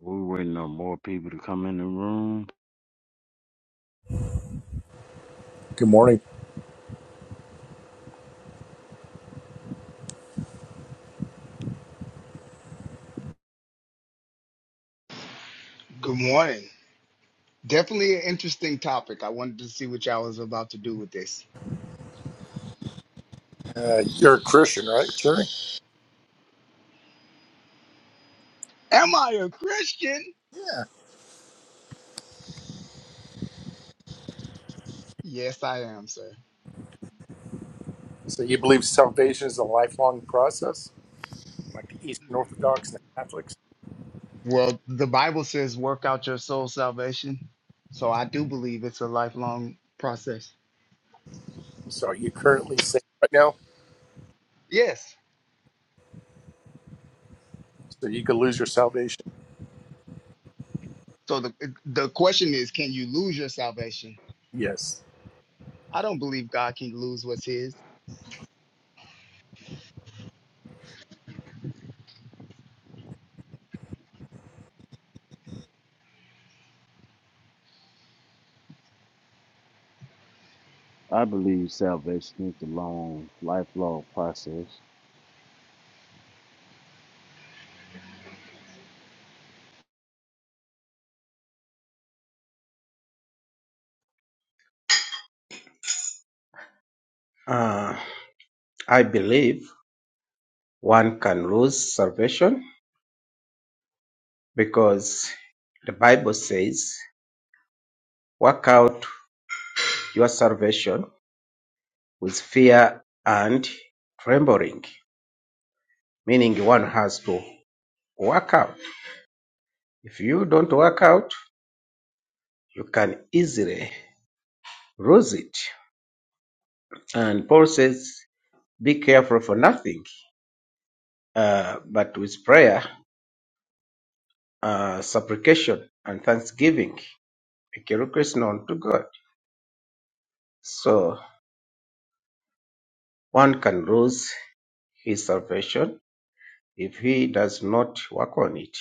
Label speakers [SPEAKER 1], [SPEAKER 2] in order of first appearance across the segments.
[SPEAKER 1] We're waiting on more people to come in the room.
[SPEAKER 2] Good morning.
[SPEAKER 3] Good morning. Definitely an interesting topic. I wanted to see what y'all was about to do with this.
[SPEAKER 2] Uh, you're a Christian, right, Jerry?
[SPEAKER 3] Am I a Christian? Yes, I am, sir.
[SPEAKER 2] So you believe salvation is a lifelong process, like Eastern Orthodox and Catholics.
[SPEAKER 3] Well, the Bible says work out your soul salvation. So I do believe it's a lifelong process.
[SPEAKER 2] So are you currently saved right now?
[SPEAKER 3] Yes.
[SPEAKER 2] So you could lose your salvation.
[SPEAKER 3] So the the question is can you lose your salvation?
[SPEAKER 2] Yes.
[SPEAKER 3] I don't believe God can lose what's his.
[SPEAKER 1] I believe salvation is a long, lifelong process.
[SPEAKER 4] Uh, I believe one can lose salvation because the Bible says, work out your salvation with fear and trembling, meaning one has to work out. If you don't work out, you can easily lose it. And Paul says, be careful for nothing, uh, but with prayer, uh, supplication, and thanksgiving, make your request known to God. So one can lose his salvation if he does not work on it.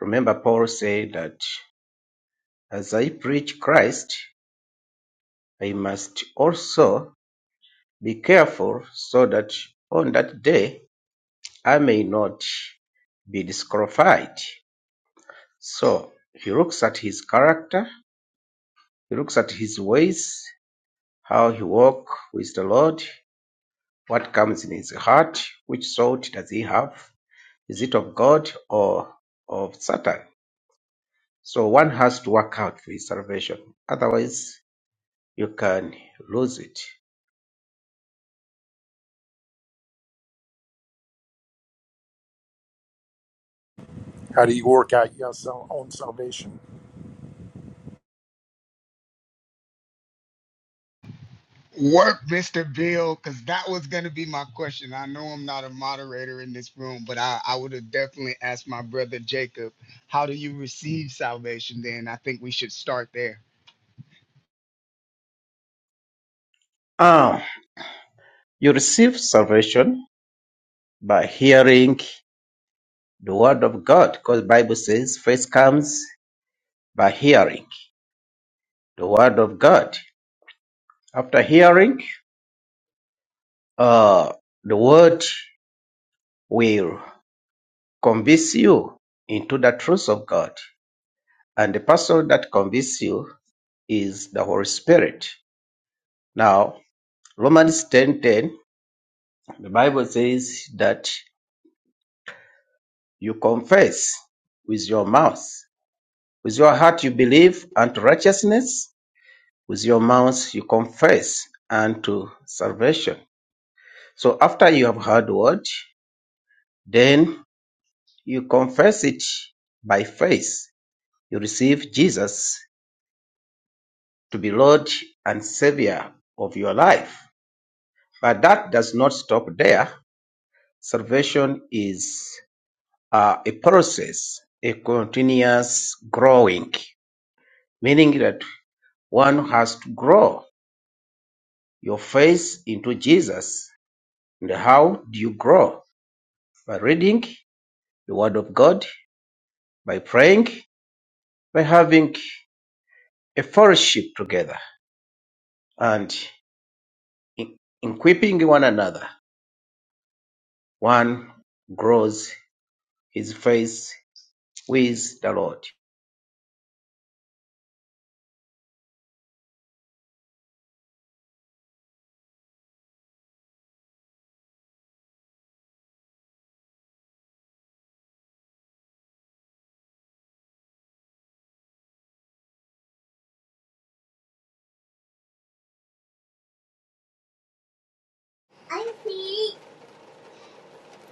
[SPEAKER 4] Remember, Paul said that as I preach Christ, I must also be careful so that on that day I may not be disqualified. So he looks at his character, he looks at his ways, how he walks with the Lord, what comes in his heart, which thought does he have? Is it of God or of Satan? So one has to work out for his salvation. Otherwise, you can lose it.
[SPEAKER 2] How do you work out your sal- own salvation?
[SPEAKER 3] Work, Mr. Bill, because that was going to be my question. I know I'm not a moderator in this room, but I, I would have definitely asked my brother Jacob, how do you receive salvation then? I think we should start there.
[SPEAKER 4] Ah, you receive salvation by hearing the word of God, because Bible says faith comes by hearing the word of God. After hearing, uh, the word will convince you into the truth of God, and the person that convinces you is the Holy Spirit. Now, Romans ten ten, the Bible says that You confess with your mouth. With your heart you believe unto righteousness. With your mouth you confess unto salvation. So after you have heard the word, then you confess it by faith. You receive Jesus to be Lord and Savior of your life. But that does not stop there. Salvation is uh, a process, a continuous growing, meaning that One has to grow your faith into Jesus. And how do you grow? By reading the Word of God, by praying, by having a fellowship together, and in- equipping one another. One grows his faith with the Lord.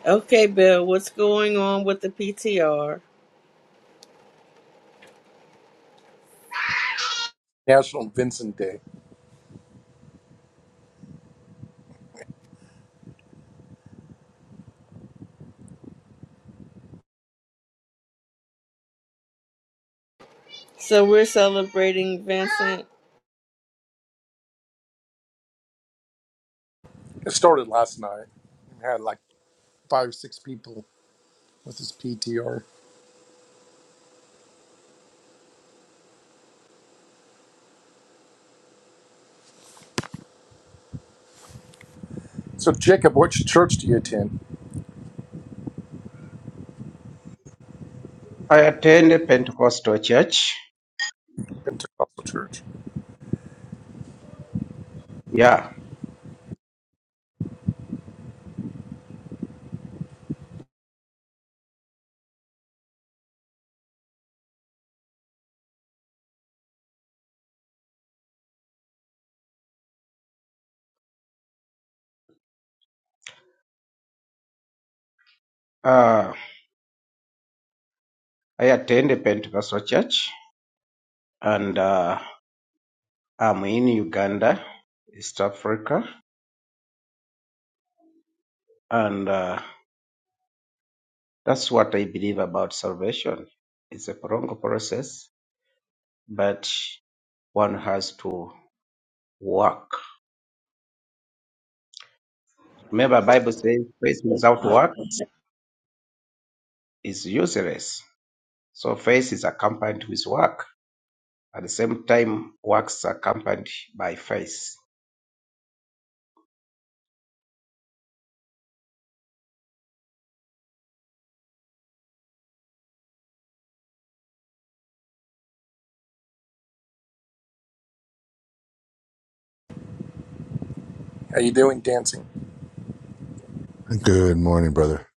[SPEAKER 5] Okay, Bill, what's going on with the PTR?
[SPEAKER 2] National Vincent Day.
[SPEAKER 5] So we're celebrating Vincent.
[SPEAKER 2] It started last night. We had like five or six people with this PTR. So Jacob, which church do you attend?
[SPEAKER 4] I attend a Pentecostal church.
[SPEAKER 2] Pentecostal church.
[SPEAKER 4] Yeah, uh, I attend a Pentecostal church, and uh, I'm in Uganda, East Africa, and. Uh, That's what I believe about salvation. It's a prolonged process, but one has to work. Remember, Bible says faith without work is useless. So faith is accompanied with work. At the same time, works are accompanied by faith.
[SPEAKER 2] How you doing dancing?
[SPEAKER 6] Good morning, brother.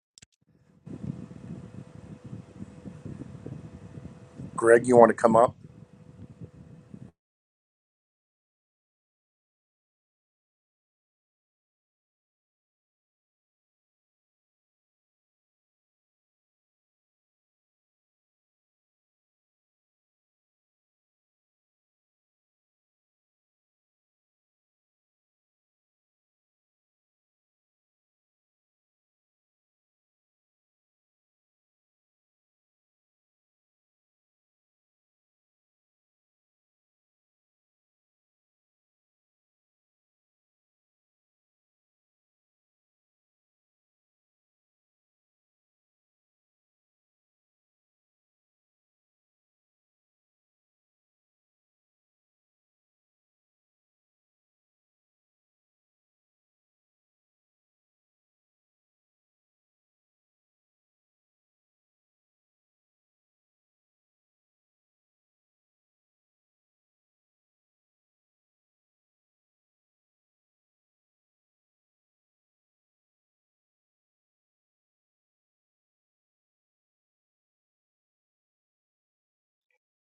[SPEAKER 2] Greg, you want to come up?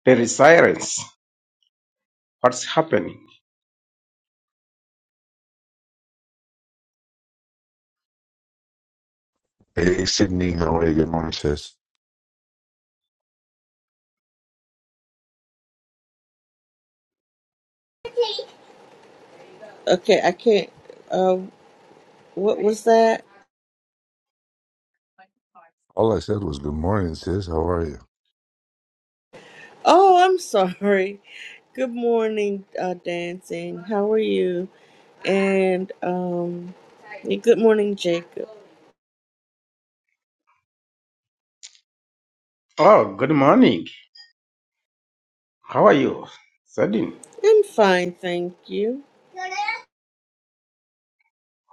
[SPEAKER 4] There is silence. What's happening?
[SPEAKER 6] Hey, Sydney, how are you? Good morning, sis.
[SPEAKER 5] Okay, I can't. Uh, what was that?
[SPEAKER 6] All I said was good morning, sis. How are you?
[SPEAKER 5] Oh, I'm sorry. Good morning, uh, dancing. How are you? And um, yeah, good morning, Jacob.
[SPEAKER 4] Oh, good morning. How are you? Sudden.
[SPEAKER 5] I'm fine, thank you.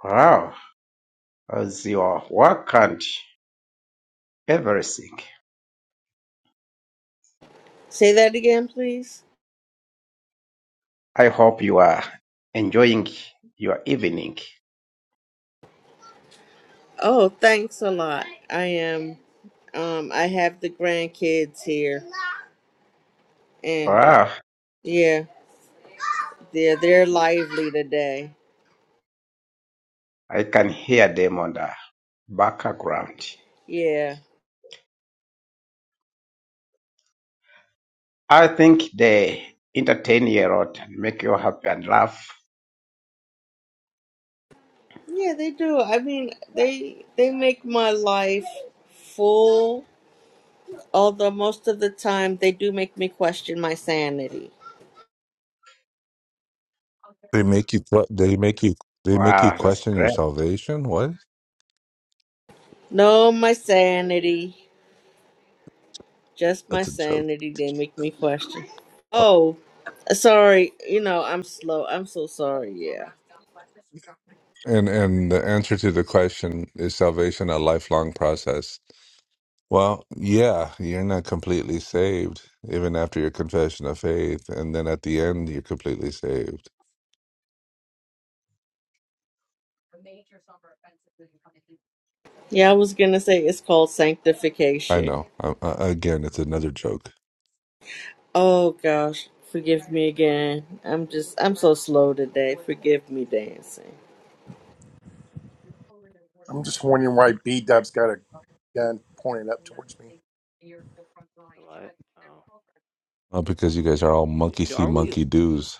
[SPEAKER 4] Wow. How's your work and everything?
[SPEAKER 5] Say that again, please.
[SPEAKER 4] I hope you are enjoying your evening.
[SPEAKER 5] Oh, thanks a lot. I am. Um, I have the grandkids here, and uh,
[SPEAKER 4] Wow,
[SPEAKER 5] yeah. They're they're lively today.
[SPEAKER 4] I can hear them on the background.
[SPEAKER 5] Yeah.
[SPEAKER 4] I think they entertain you a lot and make you happy and laugh.
[SPEAKER 5] Yeah, they do. I mean, they they make my life full, although most of the time they do make me question my sanity.
[SPEAKER 6] They make you. que- They make you. They make you
[SPEAKER 4] Wow, that's
[SPEAKER 6] question
[SPEAKER 4] great.
[SPEAKER 6] your salvation. What?
[SPEAKER 5] No, my
[SPEAKER 7] Sanity.
[SPEAKER 5] sanity, just my
[SPEAKER 6] That's a joke.
[SPEAKER 5] sanity they make me question.
[SPEAKER 6] Oh,
[SPEAKER 5] Oh, sorry. You know, I'm slow. I'm so sorry. Yeah.
[SPEAKER 6] And and the answer to the question is salvation a lifelong process. Well, yeah, you're not completely saved even after your confession of faith, and then at the end you're completely saved.
[SPEAKER 5] Yeah, I was going to say it's called
[SPEAKER 6] I
[SPEAKER 5] sanctification.
[SPEAKER 6] know. I, I, again, it's another joke.
[SPEAKER 5] Oh gosh, forgive me again. I'm just I'm so slow today. Forgive me dancing.
[SPEAKER 2] I'm just wondering why B Dub's got a gun pointed up towards me.
[SPEAKER 7] What? Oh,
[SPEAKER 6] Uh, because you guys are all
[SPEAKER 7] D-
[SPEAKER 6] monkey see,
[SPEAKER 7] are we?
[SPEAKER 6] monkey do's.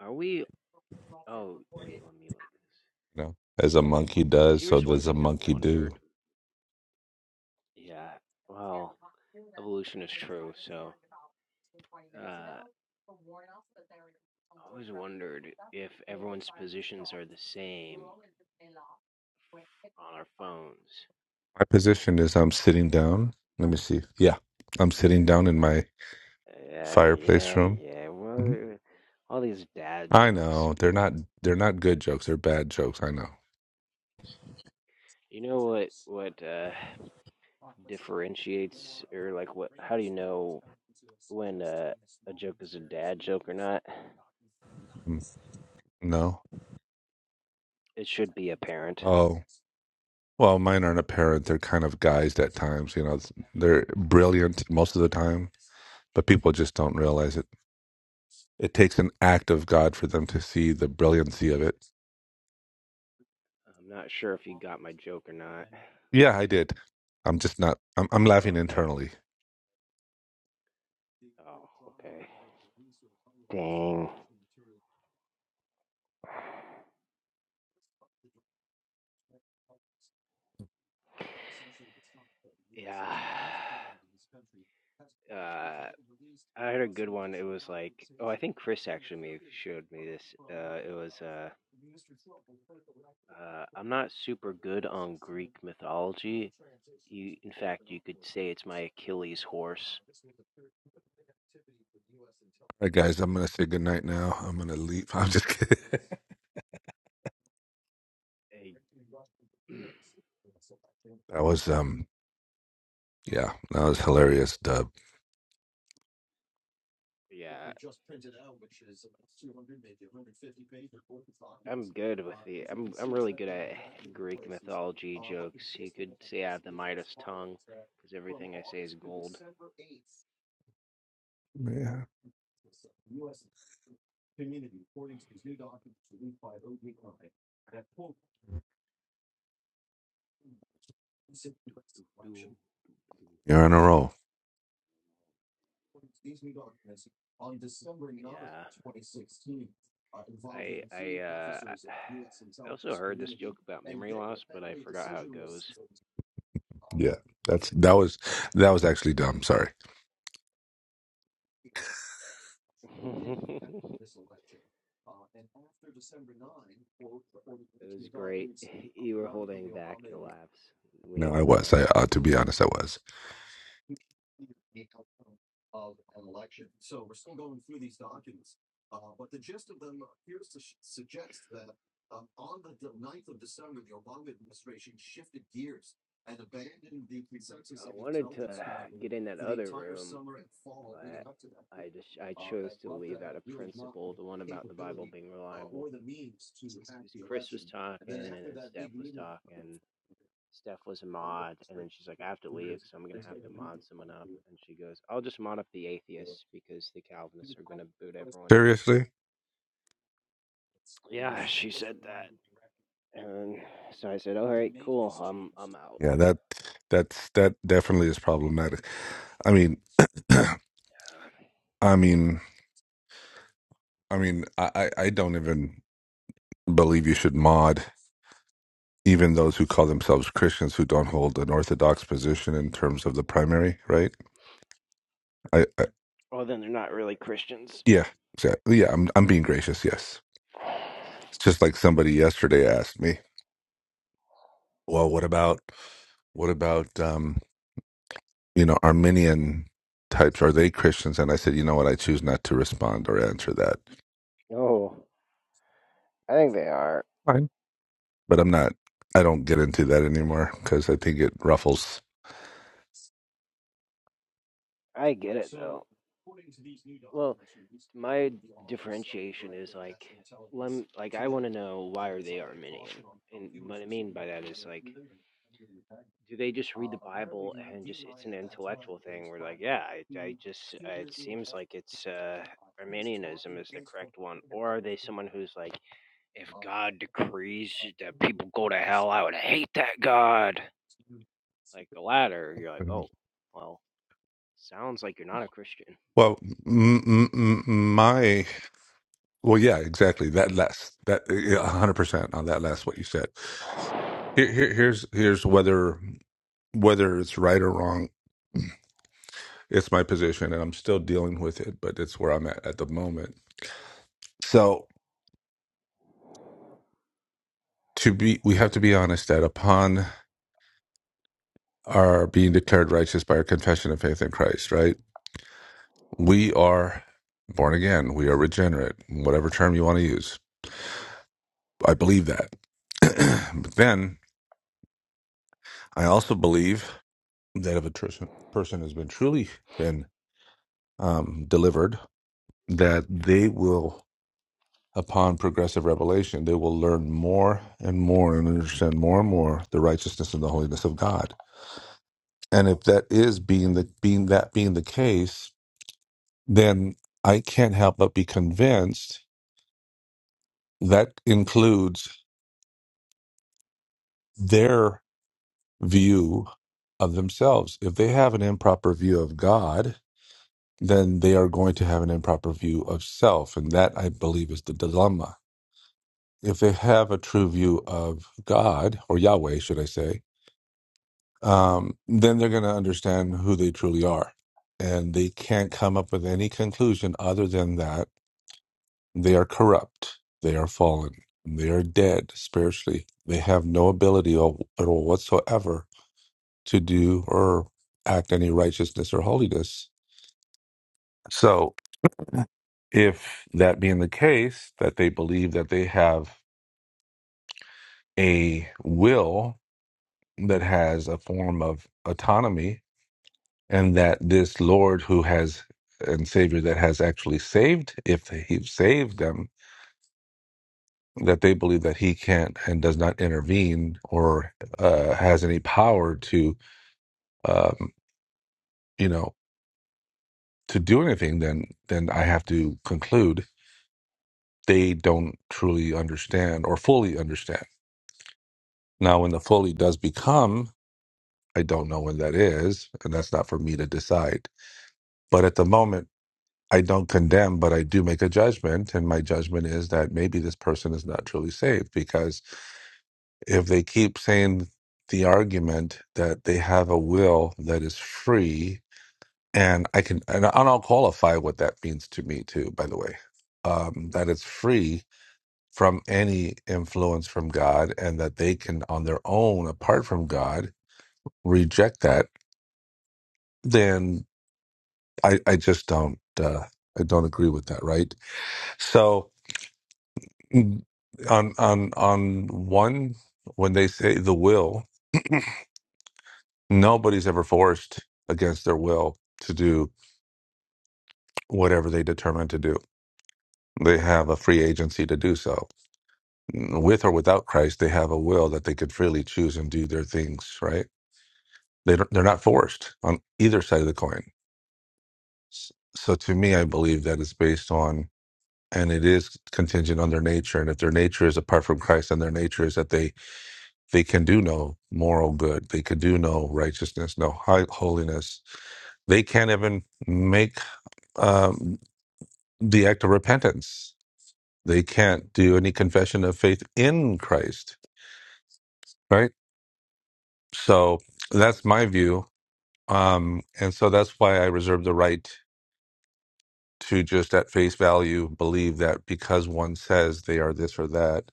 [SPEAKER 7] Are we? Oh, wait. Let me look. at
[SPEAKER 6] you know, as a monkey
[SPEAKER 7] This.
[SPEAKER 6] does, so
[SPEAKER 7] Here's one
[SPEAKER 6] does a
[SPEAKER 7] thing I've
[SPEAKER 6] monkey do.
[SPEAKER 7] wondered. Yeah. Well, evolution is true. So, uh, I always wondered if everyone's positions are the same on our phones.
[SPEAKER 6] My position is I'm sitting down. Let me see. Yeah, I'm sitting down in my
[SPEAKER 7] Yeah,
[SPEAKER 6] fireplace
[SPEAKER 7] yeah,
[SPEAKER 6] room.
[SPEAKER 7] yeah.
[SPEAKER 6] hmm
[SPEAKER 7] Well, all these dad
[SPEAKER 6] I
[SPEAKER 7] jokes.
[SPEAKER 6] know they're not they're not good jokes. They're bad jokes. I know.
[SPEAKER 7] You know what? What uh, differentiates, or like, what? How do you know when uh, a joke is a dad joke or not.
[SPEAKER 6] Mm, No.
[SPEAKER 7] It should be apparent.
[SPEAKER 6] Oh, well, mine aren't apparent. They're kind of guised at times. You know, It's- they're brilliant most of the time, but people just don't realize it. It takes an act of God for them to see the brilliancy of it.
[SPEAKER 7] I'm not sure if you got my joke or not.
[SPEAKER 6] Yeah, I did. I'm just not. I'm, I'm laughing
[SPEAKER 7] Oh, okay.
[SPEAKER 6] internally.
[SPEAKER 7] Oh, okay. Dang. Yeah. Uh, I had a good one. It was like, oh, I think Chris actually may have showed me this. Uh, it was, uh, uh, I'm not super good on Greek mythology. You, in fact, you could say it's my Achilles horse.
[SPEAKER 6] All right, guys, I'm gonna say goodnight now. I'm gonna leave. I'm just kidding.
[SPEAKER 7] A-
[SPEAKER 6] That was um, yeah, that was hilarious, Dub.
[SPEAKER 7] yeah, I'm good with the I'm I'm really good at Greek mythology jokes. You could say I have the Midas tongue because everything I say is gold.
[SPEAKER 6] Yeah, you're on a roll.
[SPEAKER 7] Yeah. I I uh I I also heard this joke about memory loss, but I forgot how it goes.
[SPEAKER 6] Yeah, that's that was that was actually dumb. Sorry.
[SPEAKER 7] it was great. You were holding back your laughs. We
[SPEAKER 6] No,
[SPEAKER 7] all
[SPEAKER 6] I
[SPEAKER 7] know
[SPEAKER 6] was.
[SPEAKER 7] it.
[SPEAKER 6] I uh, to be honest, I was
[SPEAKER 7] I wanted to get in that other room, but I just I chose to leave out of principle the one about the Bible being reliable. because Chris was talking and then Steph was talking. Steph was a mod, and then she's like, I have to leave, so I'm gonna have to mod someone up. And she goes, I'll just mod up the atheists because the Calvinists are gonna boot everyone.
[SPEAKER 6] seriously.
[SPEAKER 7] Yeah, she said that. And so I said, All right, cool, I'm I'm out.
[SPEAKER 6] Yeah, that that's that definitely is problematic. I mean, I mean, I mean, I I I don't even believe you should mod even those who call themselves Christians who don't hold an orthodox position in terms of the primary, right? I.
[SPEAKER 7] Well then they're not really Christians.
[SPEAKER 6] Yeah, exactly. Yeah, I'm I'm being gracious. Yes, it's just like somebody yesterday asked me, "Well, what about what about um, you know Armenian types? Are they Christians?" And I said, "You know what? I choose not to respond or answer that.
[SPEAKER 7] Oh, I think they are.
[SPEAKER 6] But I'm not. I don't get into that anymore because I think it ruffles."
[SPEAKER 7] I get it though. Well, my differentiation is like lem- like I want to know why are they Arminian, and what I mean by that is like do they just read the Bible and just it's an intellectual thing? We're like, yeah, I, I just uh, it seems like it's uh, Arminianism is the correct one, or are they someone who's like, if God decrees that people go to hell, I would hate that God. Like the latter, you're like,
[SPEAKER 6] Mhm.
[SPEAKER 7] oh, well, sounds like you're not a Christian.
[SPEAKER 6] Well, m- m- m- my well, yeah, exactly. That last that yeah, a hundred percent on that last what you said. Here, here, here's here's whether whether it's right or wrong It's my position, and I'm still dealing with it, but it's where I'm at at the moment. So to be, we have to be honest that upon our being declared righteous by our confession of faith in Christ, right? We are born again. We are regenerate, whatever term you want to use. I believe that. but then I also believe that if a tr- person has been truly been um, delivered, that they will. upon progressive revelation, they will learn more and more and understand more and more the righteousness and the holiness of God. And if that is being the being that being the case, then I can't help but be convinced that includes their view of themselves. If they have an improper view of God, then they are going to have an improper view of self. And that I believe is the dilemma. If they have a true view of God or Yahweh, should I say, um, then they're going to understand who they truly are. And they can't come up with any conclusion other than that they are corrupt, they are fallen, they are dead spiritually. They have no ability o- at all whatsoever to do or act any righteousness or holiness. So, if that being the case, that they believe that they have a will that has a form of autonomy and that this Lord who has and Savior that has actually saved, if He saved them, that they believe that He can't and does not intervene or uh, has any power to, um, you know, to do anything. Then, then I have to conclude they don't truly understand or fully understand. Now, when the fully does become, I don't know when that is, and that's not for me to decide. But at the moment I don't condemn, but I do make a judgment. And my judgment is that maybe this person is not truly saved because if they keep saying the argument that they have a will that is free, and I can, and I'll qualify what that means to me too, by the way, um, that it's free from any influence from God and that they can, on their own, apart from God, reject that, then I, I just don't, uh, I don't agree with that, right? So, Mm, on on on one when they say the will nobody's ever forced against their will to do whatever they determine to do they have a free agency to do so Mm, with or without christ they have a will that they could freely choose and do their things right they don't, they're not forced on either side of the coin S- so to me i believe that it's based on and it is contingent on their nature and if their nature is apart from christ and their nature is that they They can do no moral good. They can do no righteousness, no high holiness. They can't even make um, the act of repentance. They can't do any confession of faith in Christ, right? So that's
[SPEAKER 7] hmm
[SPEAKER 6] my view. Um, and so that's why I reserve the right to just at face value believe that because one says they are this or that,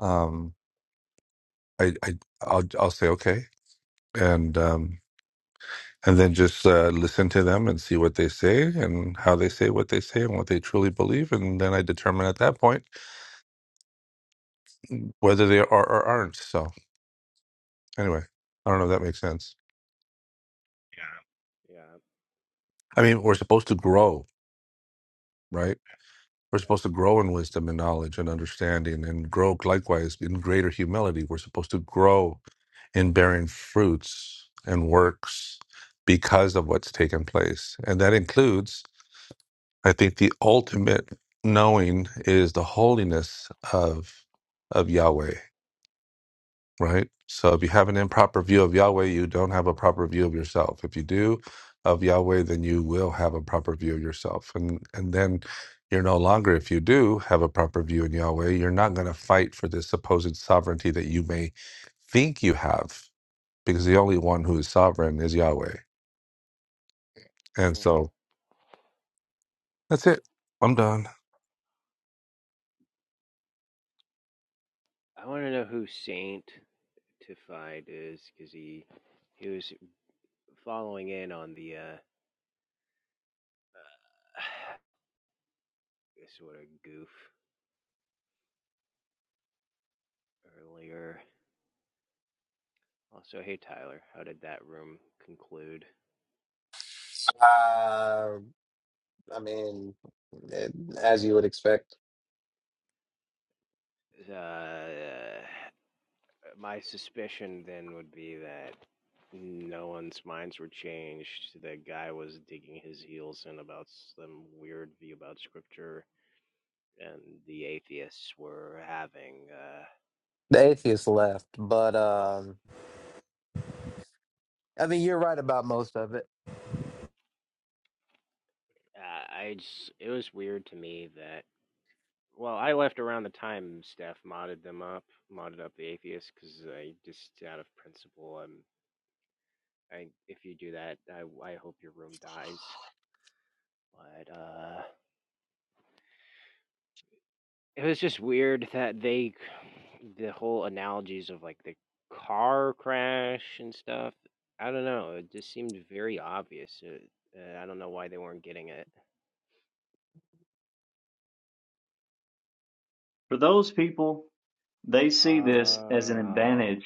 [SPEAKER 6] um, I, I I'll, I'll say okay, and um, and then just uh, listen to them and see what they say and how they say what they say and what they truly believe and then i determine at that point whether they are or aren't so anyway i don't know if that makes sense
[SPEAKER 7] Yeah.
[SPEAKER 6] i mean we're supposed to grow right we're supposed to grow in wisdom and knowledge and understanding and grow likewise in greater humility we're supposed to grow in bearing fruits and works because of what's taken place and that includes I think the ultimate knowing is the holiness of of Yahweh, right? So if you have an improper view of Yahweh, you don't have a proper view of yourself. If you do of Yahweh, then you will have a proper view of yourself. And and then you're no longer, if you do have a proper view in Yahweh, you're not going to fight for this supposed sovereignty that you may think you have, because the only one who is sovereign is Yahweh. And
[SPEAKER 7] I- mhm.
[SPEAKER 6] so that's it. I'm done.
[SPEAKER 7] I want to know who Saint Tified is because he he was following in on the uh, sort of goof earlier. Also, hey Tyler, how did that room conclude?
[SPEAKER 8] Uh, I mean, it, as you would expect,
[SPEAKER 7] Uh, my suspicion then would be that no one's minds were changed. The guy was digging his heels in about some weird view about scripture, and the atheists were having. Uh,
[SPEAKER 8] the atheist left, but
[SPEAKER 7] oh,
[SPEAKER 8] um, I mean, you're right about most of it.
[SPEAKER 7] uh, I just it was weird to me that. Well, I left around the time Steph modded them up, modded up the atheists, because I just out of principle I'm I if you do that, I I hope your room dies. But uh, it was just weird that they the whole analogies of like the car crash and stuff. I don't know. It just seemed very obvious. It, uh, I don't know why they weren't getting it.
[SPEAKER 9] For those people, they see this as an
[SPEAKER 7] Oh,
[SPEAKER 9] advantage.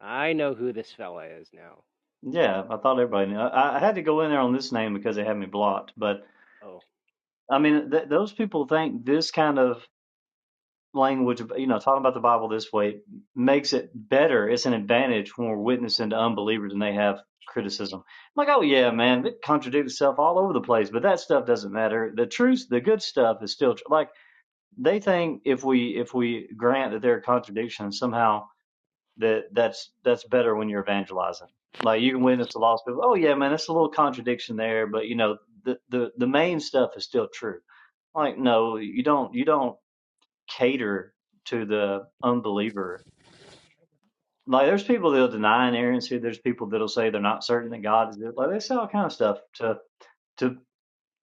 [SPEAKER 7] I know who this fella is now.
[SPEAKER 9] Yeah, I thought everybody knew. I, I had to go in there on this name because they had me blocked. But
[SPEAKER 7] Oh,
[SPEAKER 9] I mean, th- those people think this kind of language, you know, talking about the Bible this way makes it better. It's an advantage when we're witnessing to unbelievers and they have criticism. I'm like, oh yeah, man, it contradicts itself all over the place, but that stuff doesn't matter. The truth, the good stuff is still tr- like they think if we if we grant that there are contradictions somehow that that's that's better when you're evangelizing. Like you can
[SPEAKER 7] yeah,
[SPEAKER 9] witness the lost people. Oh yeah, man, that's a little contradiction there, but you know the the the main stuff is still true. Like no, you don't you don't cater to the unbeliever. Like there's people that'll deny inerrancy. There's people that'll say they're not certain that God is it. Like they say all kind of stuff to to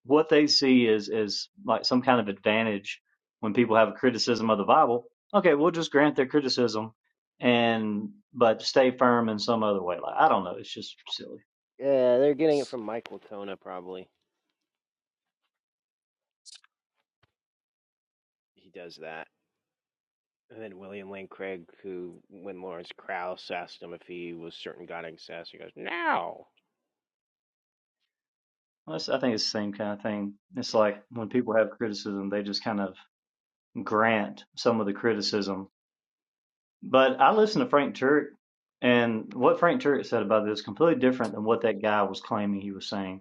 [SPEAKER 9] what they see is is like some kind of advantage when people have a criticism of the Bible. Okay, we'll just grant their criticism and but stay firm in some other way. Like I don't know, it's just silly.
[SPEAKER 7] yeah. They're getting it from Michael Tona probably. He does that. And then William Lane Craig, who, when Lawrence Krauss asked him if he was certain God exists, he goes, "No."
[SPEAKER 9] I think it's the same kind of thing. It's
[SPEAKER 7] Yeah.
[SPEAKER 9] like when people have criticism, they just kind of grant some of the criticism. But I listened to Frank Turek, and what Frank Turek said about this is completely different than what that guy was claiming he was saying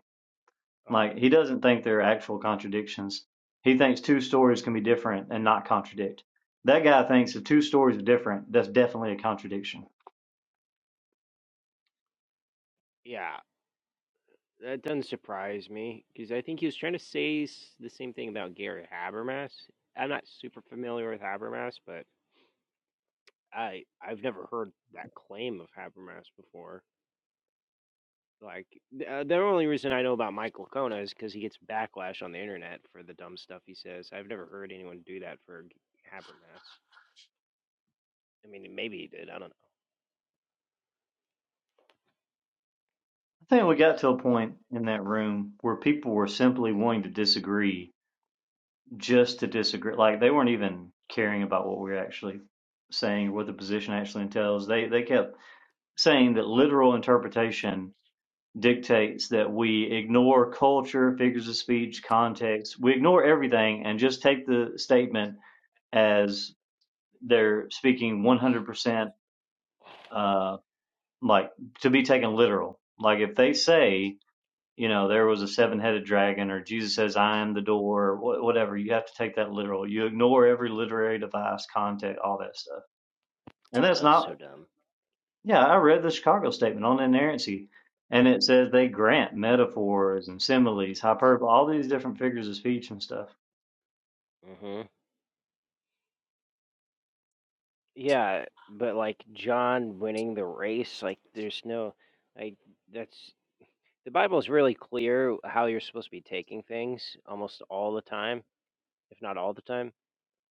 [SPEAKER 7] Oh,
[SPEAKER 9] Like he doesn't think they're actual contradictions. He thinks two stories can be different and not contradict. That guy thinks if two stories are different, that's definitely a contradiction.
[SPEAKER 7] yeah. That doesn't surprise me because I think he was trying to say s- the same thing about Gary Habermas. I'm not super familiar with Habermas, but I I've never heard that claim of Habermas before. Like th- uh, the only reason I know about Michael Kona is because he gets backlash on the internet for the dumb stuff he says. I've never heard anyone do that for G- Habermas. I mean, maybe he did. I don't know.
[SPEAKER 9] I think we got to a point in that room where people were simply wanting to disagree just to disagree. Like they weren't even caring about what we were actually saying or what the position actually entails. They they kept saying that literal interpretation dictates that we ignore culture, figures of speech, context. We ignore everything and just take the statement as they're speaking 100% uh, like to be taken literal like if they say you know there was a seven-headed dragon or jesus says i am the door or whatever you have to take that literal you ignore every literary device content all that stuff and
[SPEAKER 7] Uh,
[SPEAKER 9] that's
[SPEAKER 7] that's
[SPEAKER 9] not
[SPEAKER 7] so dumb.
[SPEAKER 9] yeah i read the chicago statement on inerrancy and it says they grant metaphors and similes hyperbole all these different figures of speech and stuff
[SPEAKER 7] hmm Yeah, but like John winning the race, like there's no, like that's the Bible's really clear how you're supposed to be taking things almost all the time, if not all the time.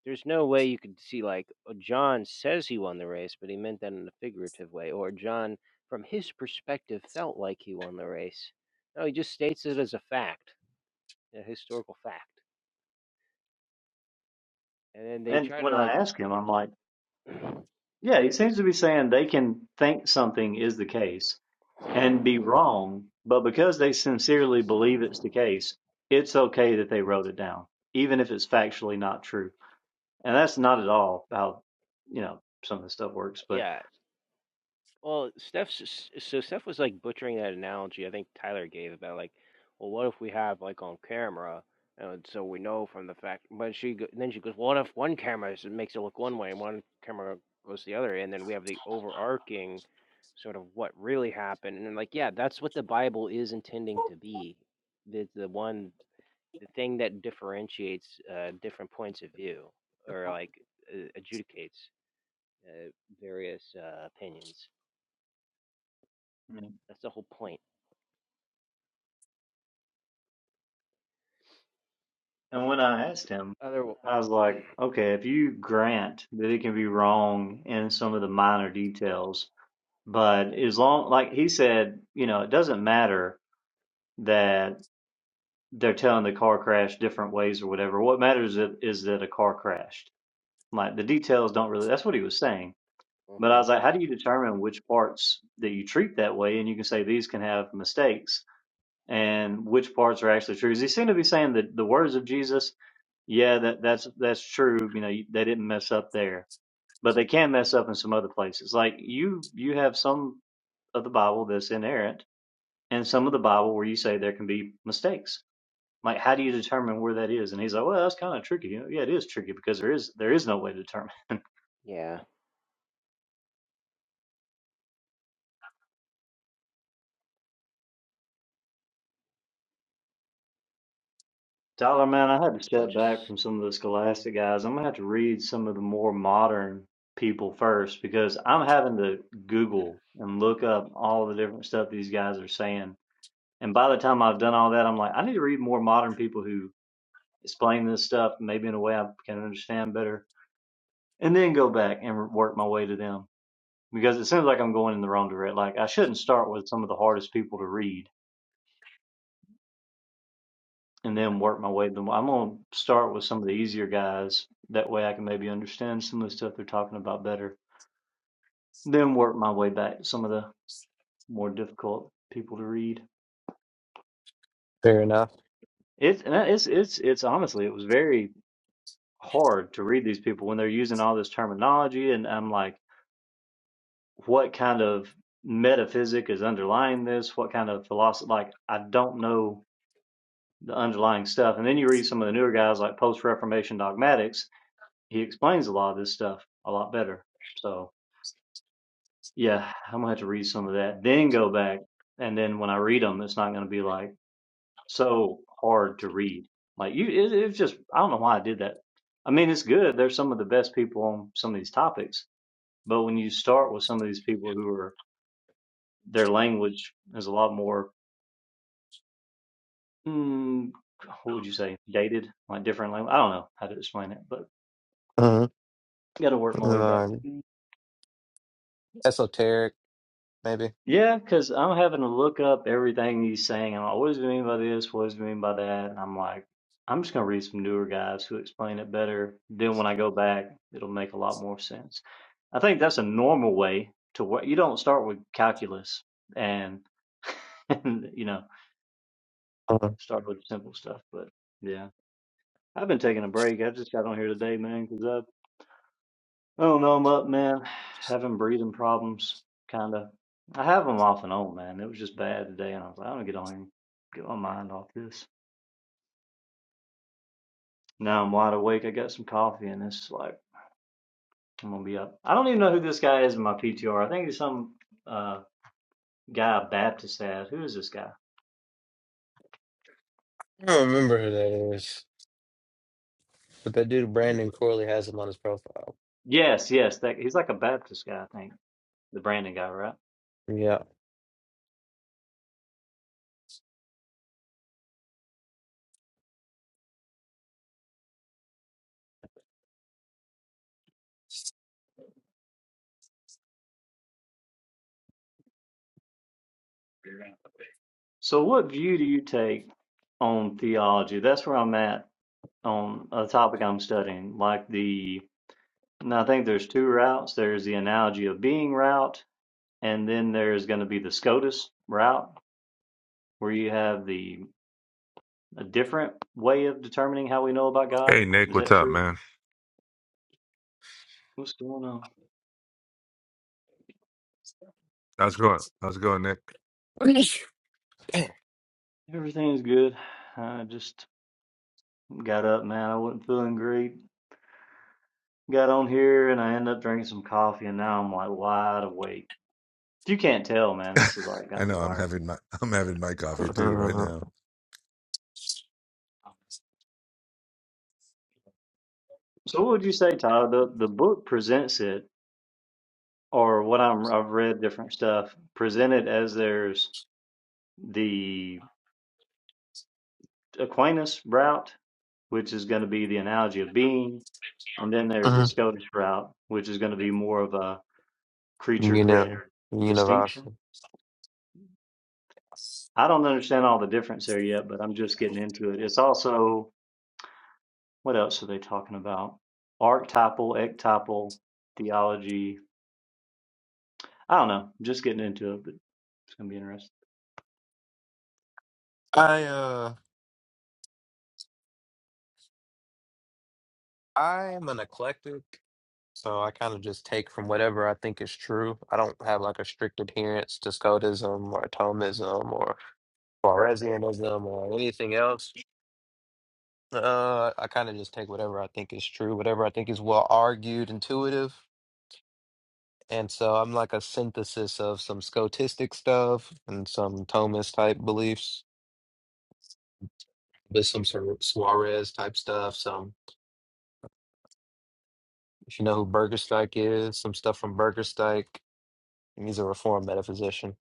[SPEAKER 7] There's no way you could see like oh, John says he won the race, but he meant that in a figurative way, or John from his perspective felt like he won the race. No, he just states it as a fact, a historical fact, and then they
[SPEAKER 9] and
[SPEAKER 7] try
[SPEAKER 9] when
[SPEAKER 7] to
[SPEAKER 9] i
[SPEAKER 7] like
[SPEAKER 9] ask him i'm like yeah he seems to be saying they can think something is the case and be wrong, but because they sincerely believe it's the case, it's okay that they wrote it down, even if it's factually not true. And that's not at all how, you know, some of this stuff works. But,
[SPEAKER 7] yeah Well, Steph's so Steph was like butchering that analogy I think Tyler gave about like, well, what if we have like on camera, and so we know from the fact. But she go- then she goes, "Well, what if one camera s- makes it look one way and one camera goes the other, and then we have the overarching sort of what really happened, and then, like yeah, that's what the Bible is intending to be, the the one the thing that differentiates uh, different points of view or like uh, adjudicates uh, various uh, opinions.
[SPEAKER 9] and
[SPEAKER 7] That's the whole point.
[SPEAKER 9] when I asked him,
[SPEAKER 7] Other
[SPEAKER 9] I was like, okay, if you grant that it can be wrong in some of the minor details, but as long, like he said, you know, it doesn't matter that they're telling the car crash different ways or whatever. What matters is is that a car crashed Like the details don't really, that's what he was saying. But I
[SPEAKER 7] hmm
[SPEAKER 9] was like, how do you determine which parts that you treat that way? And you can say these can have mistakes and which parts are actually true. 'Cause he seemed to be saying that the words of Jesus, yeah, that, that's, that's true. You know, they didn't mess up there, but they can mess up in some other places. Like you, you have some of the Bible that's inerrant and some of the Bible where you say there can be mistakes. Like, how do you determine where that is? And he's like, well, that's kind of tricky. You know, yeah, it is tricky because there is, there is no way to determine
[SPEAKER 7] Yeah,
[SPEAKER 9] Tyler, man, I had to
[SPEAKER 7] it's a
[SPEAKER 9] step
[SPEAKER 7] bunch of.
[SPEAKER 9] back
[SPEAKER 7] s-
[SPEAKER 9] from some of the Scholastic guys. I'm gonna have to read some of the more modern people first because I'm having to Google and look up all the different stuff these guys are saying. And by the time I've done all that, I'm like, I need to read more modern people who explain this stuff maybe in a way I can understand better, and then go back and work my way to them because it seems like I'm going in the wrong direction. Like I shouldn't start with some of the hardest people to read and then work my way. But I'm gonna start with some of the easier guys. That way, I can maybe understand some of the stuff they're talking about better. Then work my way back to some of the more difficult people to read.
[SPEAKER 8] Fair enough.
[SPEAKER 9] It's and that- it's it's it's honestly it was very hard to read these people when they're using all this terminology, and I'm like, what kind of metaphysic is underlying this? What kind of philosophy? Like, I don't know the underlying stuff. And then you read some of the newer guys like Post Reformation Dogmatics he explains a lot of this stuff a lot better. So yeah, I'm gonna have to read some of that, then go back, and then when I read them, it's not gonna be like so hard to read. Like you, it, it's just I don't know why I did that. I mean, it's good. They're some of the best people on some of these topics, but when you start with some of these people who are their language is a lot more, mm, what would you say, dated, like different language. I don't know how to explain it, but
[SPEAKER 8] Mm-hmm.
[SPEAKER 9] got to work my way
[SPEAKER 8] Um,
[SPEAKER 9] back.
[SPEAKER 8] esoteric, maybe.
[SPEAKER 9] Yeah, because 'cause I'm having to look up everything he's saying. I'm like, what does it mean by this? What does it mean by that? And I'm like, I'm just gonna read some newer guys who explain it better. Then when I go back, it'll make a lot more sense. I think that's a normal way to work. You don't start with calculus and, and you know,
[SPEAKER 8] hmm
[SPEAKER 9] start with simple stuff. But yeah, I've been taking a break. I just got on here today, man, man, 'cause I don't know much, man. Having breathing problems, kind of. I have them off and on, man. It was just bad today, and I was like, I'm gonna get on here, and get my mind off this. Now I'm wide awake. I got some coffee, and it's like I'm gonna be up. I don't even know who this guy is in my PTR. I think he's some uh guy a Baptist had. Who is this guy?
[SPEAKER 8] I don't remember who that is, but that dude Brandon Corley has him on his profile.
[SPEAKER 9] Yes, yes, that he's like a Baptist guy, I think. The Brandon guy, right?
[SPEAKER 8] Yeah.
[SPEAKER 9] So, what view do you take on theology? That's where I'm at on a topic I'm studying, like the And I think there's two routes. There's the analogy of being route, and then there's going to be the SCOTUS route, where you have the a different way of determining how we know about God.
[SPEAKER 6] Hey Nick,
[SPEAKER 9] Is
[SPEAKER 6] what's
[SPEAKER 9] that
[SPEAKER 6] up,
[SPEAKER 9] true?
[SPEAKER 6] man?
[SPEAKER 9] What's going on?
[SPEAKER 6] How's it going? How's it going, Nick?
[SPEAKER 9] Everything's good. I just got up, man. I wasn't feeling great. Got on here and I ended up drinking some coffee, and now I'm like wide awake. If you can't tell, man, this is like
[SPEAKER 6] I
[SPEAKER 9] got me
[SPEAKER 6] know I'm
[SPEAKER 9] wired.
[SPEAKER 6] having my I'm having my coffee too right
[SPEAKER 8] hmm
[SPEAKER 6] now.
[SPEAKER 9] So, what would you say, Tyler? The the book presents it, or what I'm I've read different stuff presented as there's the Aquinas route, which is going to be the analogy of being, and then there's the Scottish route, which is going to be more of a creature
[SPEAKER 8] You know,
[SPEAKER 9] creator distinction.
[SPEAKER 8] universal.
[SPEAKER 9] I don't understand all the difference there yet, but I'm just getting into it. It's also, what else are they talking about? Archetypal, ectypal theology. I don't know. Just getting into it, but it's going to be interesting.
[SPEAKER 8] I uh, I am an eclectic. So I kind of just take from whatever I think is true. I don't have like a strict adherence to Scotism or Thomism or Walrasianism or anything else. Uh, I kind of just take whatever I think is true, whatever I think is well argued, intuitive. And so I'm like a synthesis of some Scotistic stuff and some Thomist type beliefs, but some sort of Suarez type stuff. Some, if you know who Bergerstein is, some stuff from Bergerstein. He's a reformed metaphysician,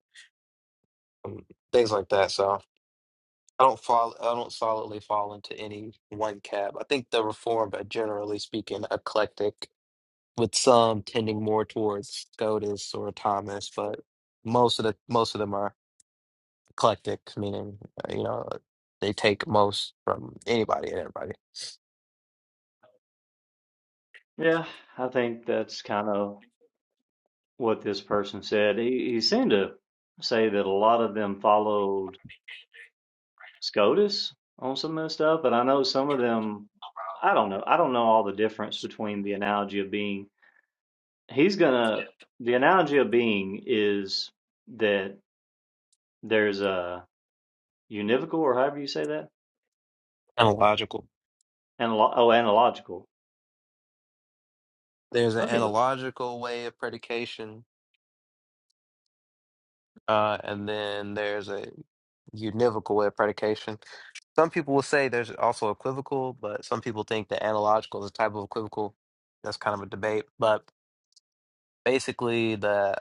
[SPEAKER 8] um, things like that. So. I don't fall. I don't solidly fall into any one cab. I think the reformed are generally speaking eclectic, with some tending more towards Scotus or Thomas, but most of the most of them are eclectic, meaning uh, you know they take most from anybody and everybody.
[SPEAKER 9] Yeah, I think that's kind of what this person said. He, he seemed to say that a lot of them follow SCOTUS on some of this stuff, but I know some of them. I don't know. I don't know all the difference between the analogy of being. He's gonna. The analogy of being is that there's a univocal, or however you say that,
[SPEAKER 8] Analogical.
[SPEAKER 9] and oh, analogical.
[SPEAKER 8] There's an
[SPEAKER 9] Let me look.
[SPEAKER 8] analogical way of predication, uh, and then there's a univocal way of predication. Some people will say there's also equivocal, but some people think that analogical is a type of equivocal. That's kind of a debate. But basically, the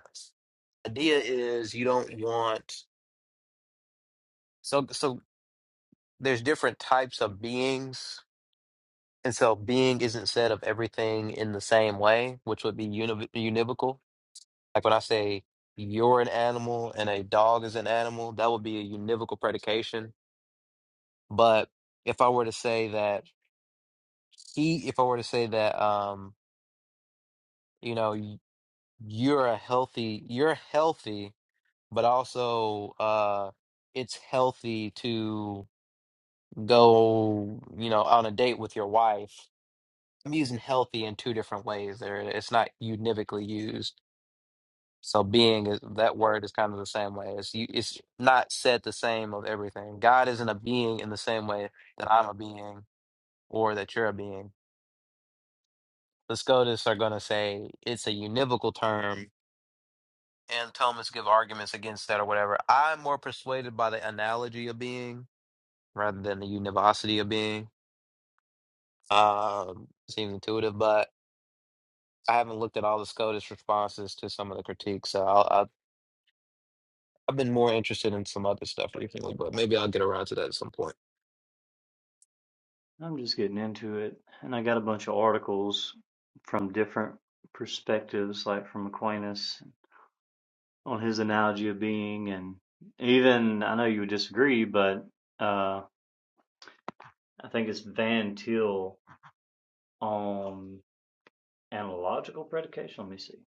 [SPEAKER 8] idea is you don't want so so there's different types of beings, and so being isn't said of everything in the same way, which would be univ- univocal. Like when I say you're an animal and a dog is an animal, that would be a univocal predication. But if I were to say that he, if I were to say that um, you know you're a healthy you're healthy but also uh it's healthy to go you know on a date with your wife i'm using healthy in two different ways there it's not univocally used so being is that word is kind of the same way it's you it's not said the same of everything god isn't a being in the same way that i'm a being or that you're a being the scotus are going to say it's a univocal term and Thomas give arguments against that or whatever. I'm more persuaded by the analogy of being rather than the univocity of being. Um, seems intuitive, but I haven't looked at all the SCOTUS responses to some of the critiques. So I'll, I'll, I've been more interested in some other stuff recently, but maybe I'll get around to that at some point.
[SPEAKER 9] I'm just getting into it, and I got a bunch of articles from different perspectives, like from Aquinas on his analogy of being, and even I know you would disagree, but uh, I think it's Van Til on analogical predication. Let me see,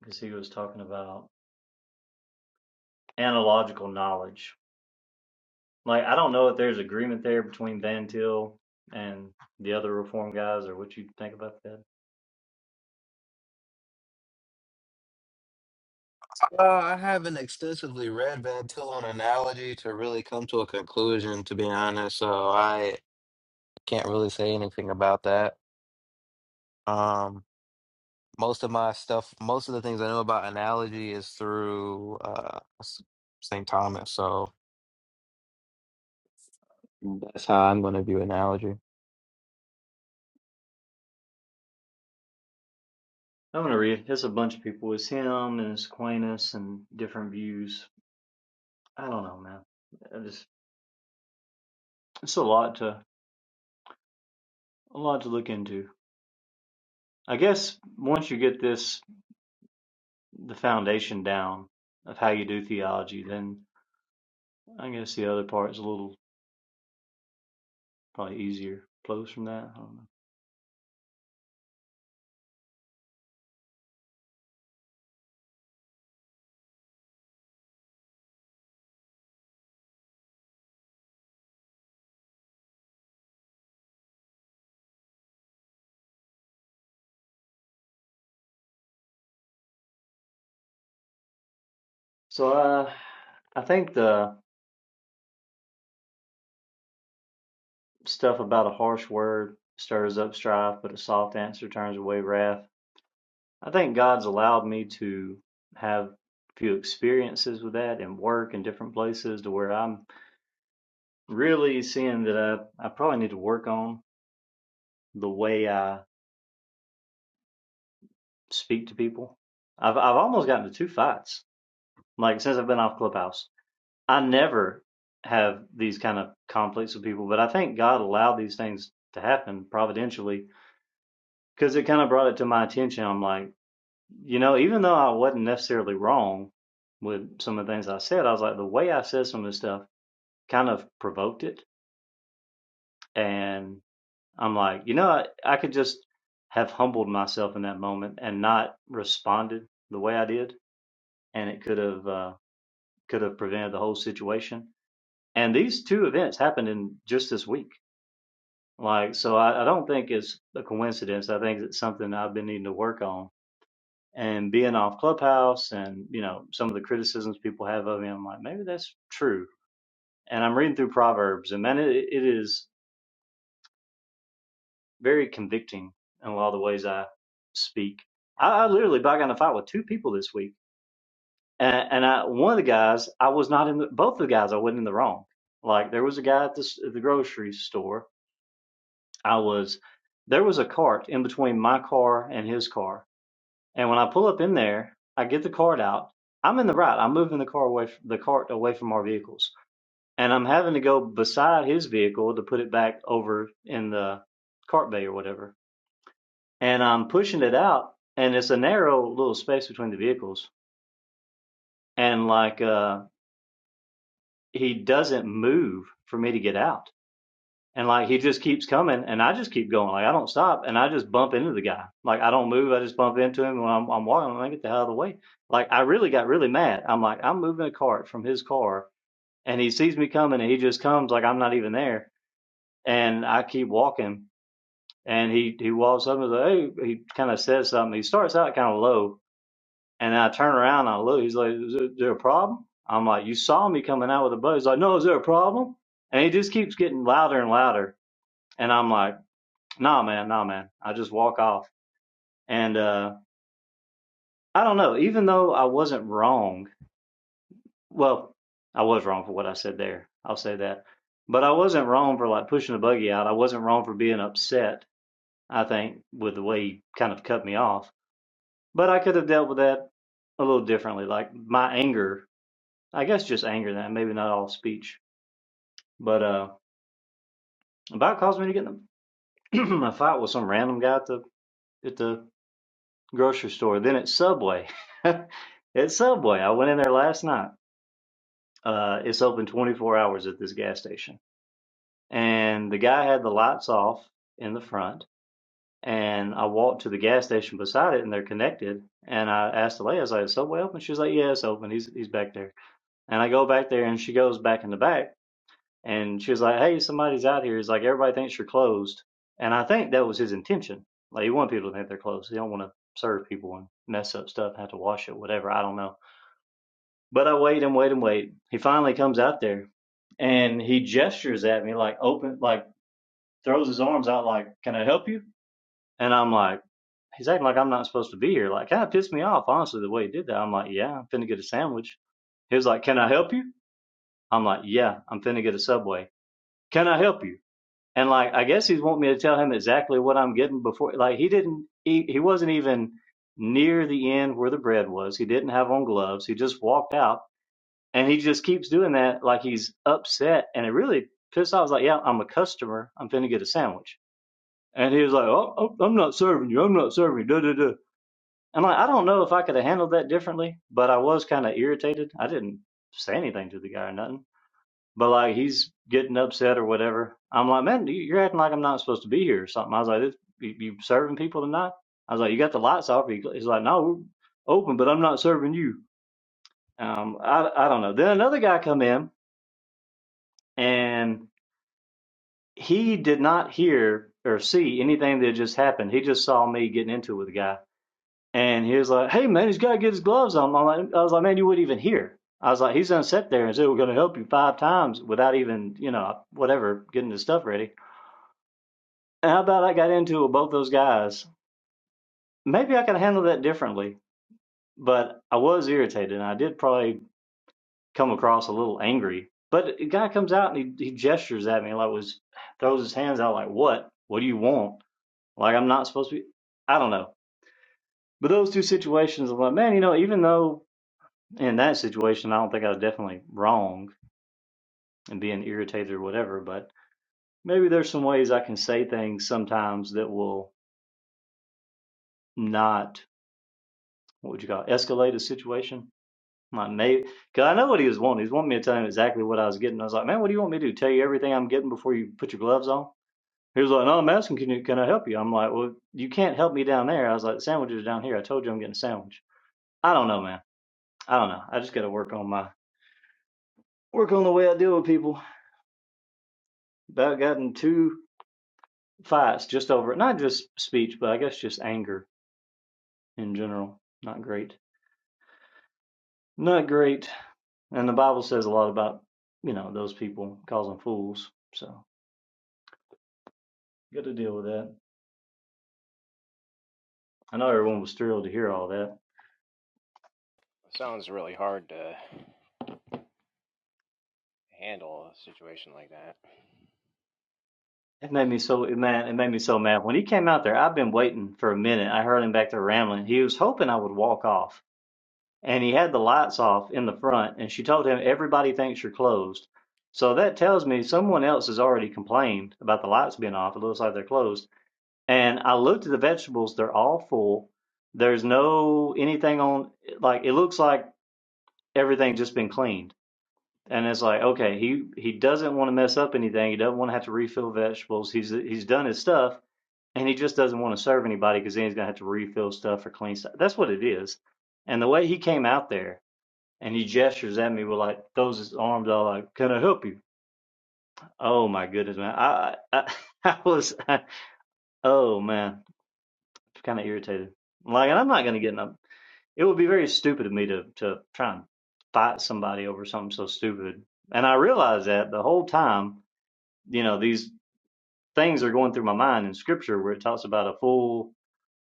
[SPEAKER 9] because he was talking about analogical knowledge. Like I don't know if there's agreement there between Van Til and the other reform guys, or what you think about that.
[SPEAKER 8] Uh, I haven't extensively read Van Til on analogy to really come to a conclusion, to be honest. So I can't really say anything about that. Um, most of my stuff, most of the things I know about analogy is through uh, St. Thomas. So that's how I'm going to view analogy.
[SPEAKER 9] I'm gonna read. It's a bunch of people. It's him and it's Aquinas and different views. I don't know, man. I just it's a lot to a lot to look into. I guess once you get this the foundation down of how you do theology, then I guess the other part is a little probably easier flows from that. I don't know. So uh, I think the stuff about a harsh word stirs up strife, but a soft answer turns away wrath. I think God's allowed me to have a few experiences with that and work in different places to where I'm really seeing that I, I probably need to work on the way I speak to people. I've I've almost gotten to two fights, like since I've been off Clubhouse. I never have these kind of conflicts with people, but I think God allowed these things to happen providentially because it kind of brought it to my attention. I'm like, you know, even though I wasn't necessarily wrong with some of the things I said, I was like, the way I said some of this stuff kind of provoked it. And I'm like, you know, I, I could just have humbled myself in that moment and not responded the way I did. And it could have, uh, could have prevented the whole situation. And these two events happened in just this week Like, so I, I don't think it's a coincidence. I think it's something I've been needing to work on. And being off Clubhouse and, you know, some of the criticisms people have of me, I'm like, maybe that's true. And I'm reading through Proverbs, and man, it, it is very convicting in a lot of the ways I speak. I, I literally got in a fight with two people this week. And, and I, one of the guys, I was not in the, both the guys, I wasn't in the wrong. Like, there was a guy at, this, at the grocery store. I was, there was a cart in between my car and his car And when I pull up in there, I get the cart out. I'm in the right. I'm moving the car away, the cart away from our vehicles, and I'm having to go beside his vehicle to put it back over in the cart bay or whatever. And I'm pushing it out, and it's a narrow little space between the vehicles. And like uh, he doesn't move for me to get out and like he just keeps coming and I just keep going. Like I don't stop and I just bump into the guy. Like I don't move, I just bump into him when I'm I'm walking, I'm like, get the hell out of the way. Like I really got really mad. I'm like, I'm moving a cart from his car and he sees me coming and he just comes like I'm not even there. And I keep walking and he, he walks up and like, Hey he kinda says something. He starts out kinda low and then I turn around and I look, he's like, Is there is there a problem? I'm like, You saw me coming out with a bow. He's like, No, is there a problem? And he just keeps getting louder and louder. And I'm like, Nah, man, nah, man. I just walk off. And uh, I don't know, even though I wasn't wrong, well, I was wrong for what I said there. I'll say that. But I wasn't wrong for like pushing the buggy out. I wasn't wrong for being upset, I think, with the way he kind of cut me off. But I could have dealt with that a little differently. Like my anger, I guess just anger then, maybe not all speech. But uh about caused me to get in a, a fight with some random guy at the at the grocery store. Then it's Subway, It's Subway, I went in there last night. Uh, it's open 24 hours at this gas station, and the guy had the lights off in the front. And I walked to the gas station beside it, and they're connected. And I asked the lady, I was like, "Is Subway open?" She was like, "Yeah, it's open. He's he's back there." And I go back there, and she goes back in the back, and she was like, "Hey, somebody's out here." He's like, "Everybody thinks you're closed," and I think that was his intention. Like, he wanted people to think they're closed. He don't want to serve people and mess up stuff, have to wash it, whatever. I don't know. But I wait and wait and wait. He finally comes out there, and he gestures at me like, "Open!" Like, throws his arms out like, "Can I help you?" And I'm like. He's acting like I'm not supposed to be here. Like, kind of pissed me off, honestly, the way he did that. I'm like, yeah, I'm finna get a sandwich. He was like, Can I help you? I'm like, Yeah, I'm finna get a subway. Can I help you? and like I guess he's want me to tell him exactly what I'm getting before like he didn't he, he wasn't even near the end where the bread was. He didn't have on gloves. He just walked out and he just keeps doing that like he's upset and it really pissed off. I was like, Yeah, I'm a customer. I'm finna get a sandwich. And he was like, Oh, oh, I'm not serving you, I'm not serving you, da da da. I'm like, I don't know if I could have handled that differently, but I was kind of irritated. I didn't say anything to the guy or nothing but like he's getting upset or whatever. I'm like, man, you- are acting like I'm not supposed to be here or something. I was like, you, serving people tonight? I was like, you got the lights off. he's like, no, we're open, but I'm not serving you. Um, I, I don't know. Then another guy come in and he did not hear or see anything that just happened. He just saw me getting into it with a guy. And he was like, hey, man, he's got to get his gloves on. I'm like, I was like, man, you wouldn't even hear. I was like, he's going to sit there and say, we're going to help you five times without even, you know, whatever, getting his stuff ready. How about I got into with both those guys? Maybe I could handle that differently, but I was irritated and I did probably come across a little angry. But the guy comes out and he, he gestures at me like was throws his hands out like what? What do you want? Like I'm not supposed to be I don't know. But those two situations I'm like, man, you know, even though in that situation I don't think I was definitely wrong and being irritated or whatever, but maybe there's some ways I can say things sometimes that will not what would you call it, escalate a situation My mate, cause I know what he was wanting. He was wanting me to tell him exactly what I was getting. I was like, man, what do you want me to do? Tell you everything I'm getting before you put your gloves on? He was like, no, I'm asking, can you, can I help you? I'm like, well, you can't help me down there. I was like, the sandwiches are down here. I told you I'm getting a sandwich. I don't know, man. I don't know. I just got to work on my work on the way I deal with people. About gotten two fights just over it. Not just speech, but I guess just anger in general. Not great. Not great. And the Bible says a lot about you know those people causing fools. So got to deal with that. I know everyone was thrilled to hear all that.
[SPEAKER 7] Sounds really hard to handle a situation like that.
[SPEAKER 9] It made me so it mad. It made me so mad when he came out there. I've been waiting for a minute. I heard him back there rambling. He was hoping I would walk off, and he had the lights off in the front. And she told him everybody thinks you're closed. So that tells me someone else has already complained about the lights being off. It looks like they're closed. And I looked at the vegetables. They're all full. There's no anything on. Like it looks like everything's just been cleaned And it's like, okay, he he doesn't want to mess up anything. He doesn't want to have to refill vegetables. He's he's done his stuff, and he just doesn't want to serve anybody because then he's gonna have to refill stuff or clean stuff. That's what it is. And the way he came out there and he gestures at me with like throws his arms all like, "Can I help you?" Oh my goodness, man! I I, I was I, oh man, kind of irritated. Like, and I'm not gonna get in a. It would be very stupid of me to to try and fight somebody over something so stupid. And I realized that the whole time you know these things are going through my mind in scripture where it talks about a fool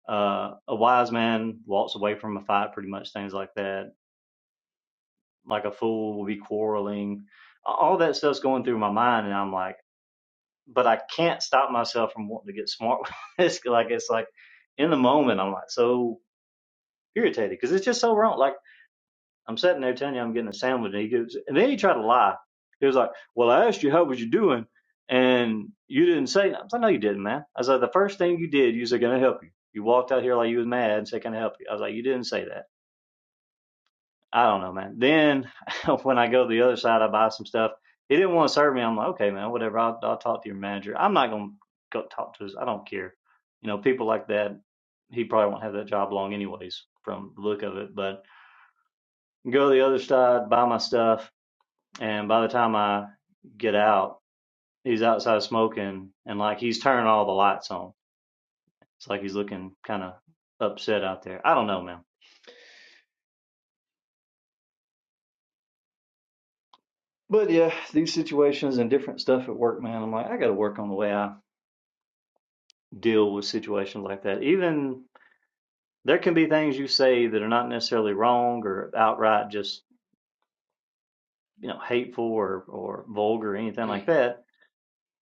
[SPEAKER 9] uh a wise man walks away from a fight pretty much things like that like a fool will be quarreling all that stuff's going through my mind and i'm like but i can't stop myself from wanting to get smart with this like it's like in the moment i'm like so irritated because it's just so wrong like I'm sitting there telling you I'm getting a sandwich, and he goes, and then he tried to lie. He was like, "Well, I asked you how was you doing, and you didn't say." I was like, "No, you didn't, man." I was like, "The first thing you did, you said, "Can I help you?" You walked out here like you was mad and said, "Can I help you?" I was like, "You didn't say that." I don't know, man. Then when I go to the other side, I buy some stuff. He didn't want to serve me. I'm like, "Okay, man, whatever. I'll, I'll talk to your manager. I'm not gonna go talk to his. I don't care." You know, people like that, he probably won't have that job long anyways, from the look of it. But go to the other side, buy my stuff and by the time I get out, he's outside smoking and like he's turning all the lights on. It's like he's looking kind of upset out there. I don't know, man. But yeah, these situations and different stuff at work, man. I'm like, I got to work on the way I deal with situations like that. Even there can be things you say that are not necessarily wrong or outright just, you know, hateful or, or vulgar or anything like that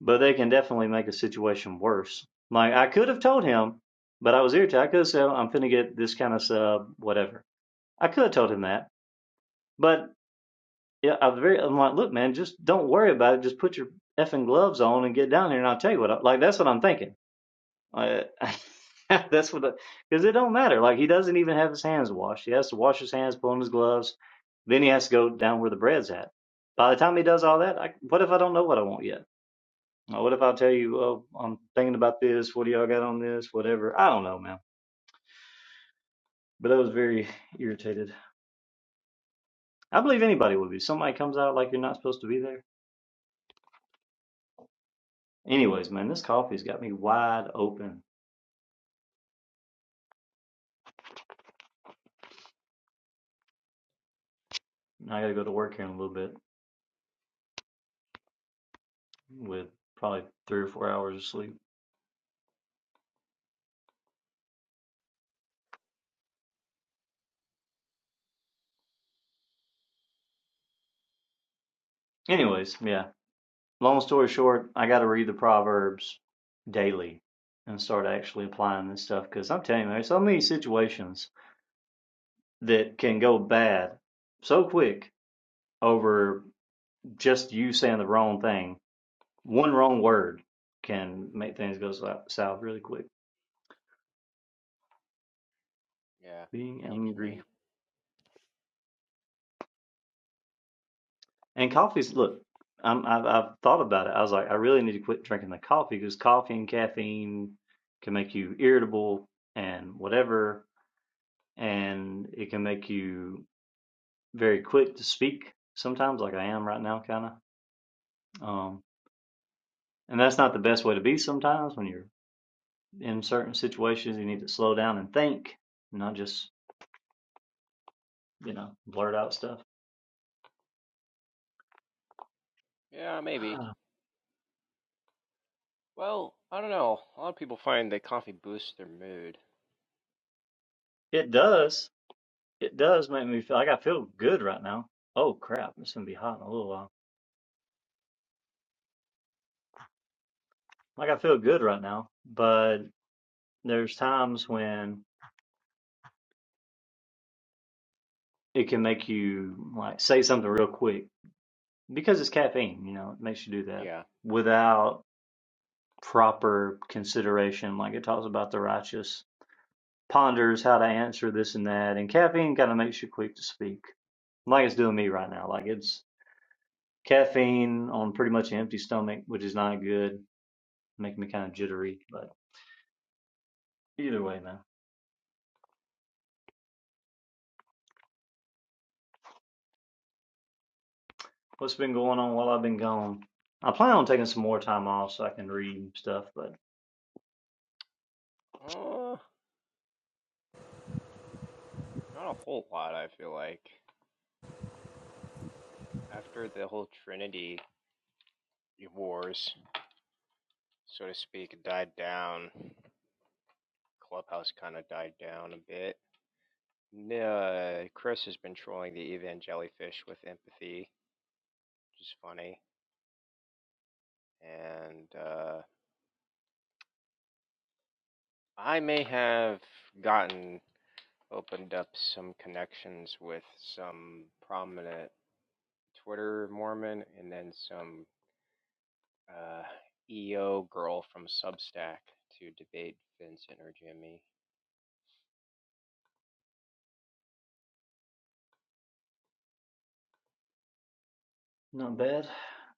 [SPEAKER 9] but they can definitely make a situation worse. Like I could have told him, but I was irritated. I could have said, "I'm finna get this kind of sub, whatever." I could have told him that, but yeah, I'm very. I'm like, look, man, just don't worry about it. Just put your effing gloves on and get down here, and I'll tell you what. I, like that's what I'm thinking. Uh, that's what because it don't matter. Like he doesn't even have his hands washed. He has to wash his hands, pull on his gloves, then he has to go down where the bread's at. By the time he does all that, I, what if I don't know what I want yet? Uh, What if I tell you, oh, I'm thinking about this. What do y'all got on this? Whatever. I don't know, man. But I was very irritated. I believe anybody would be. Somebody comes out like you're not supposed to be there. Anyways, man, this coffee's got me wide open. I gotta go to work here in a little bit with probably three or four hours of sleep. Anyways, yeah. Long story short, I gotta read the Proverbs daily and start actually applying this stuff because I'm telling you, there's so many situations that can go bad so quick over just you saying the wrong thing, one wrong word can make things go south really quick.
[SPEAKER 7] yeah,
[SPEAKER 9] Being
[SPEAKER 7] I know what you
[SPEAKER 9] angry
[SPEAKER 7] mean.
[SPEAKER 9] and coffee's look, I'm, I've, I've thought about it. I was like, I really need to quit drinking the coffee because coffee and caffeine can make you irritable and whatever, and it can make you very quick to speak sometimes, like I am right now, kind of. Um, and that's not the best way to be sometimes when you're in certain situations. You need to slow down and think, not just you know blurt out stuff.
[SPEAKER 7] Yeah, maybe.
[SPEAKER 9] Ah,
[SPEAKER 7] Well, I don't know. A lot of people find that coffee boosts their mood.
[SPEAKER 9] It does. It does make me feel like I feel good right now. Oh crap, it's gonna be hot in a little while. Like I feel good right now, but there's times when it can make you like say something real quick because it's caffeine, you know, it makes you do that
[SPEAKER 7] Yeah.
[SPEAKER 9] without proper consideration. Like it talks about the righteous ponders how to answer this and that, and caffeine kind of makes you quick to speak. Like it's doing me right now. Like it's caffeine on pretty much an empty stomach, which is not good make me kind of jittery. But either way, man, what's been going on while I've been gone? I plan on taking some more time off so I can read stuff, but
[SPEAKER 7] Uh, not a whole lot, I feel like. After the whole Trinity Wars, so to speak, died down, Clubhouse kind of died down a bit. N- Uh, Chris has been trolling the Evan Jellyfish with empathy, which is funny. and uh, I may have gotten opened up some connections with some prominent Twitter Mormon and then some uh, EO girl from Substack to debate Vincent or Jimmy.
[SPEAKER 9] not bad.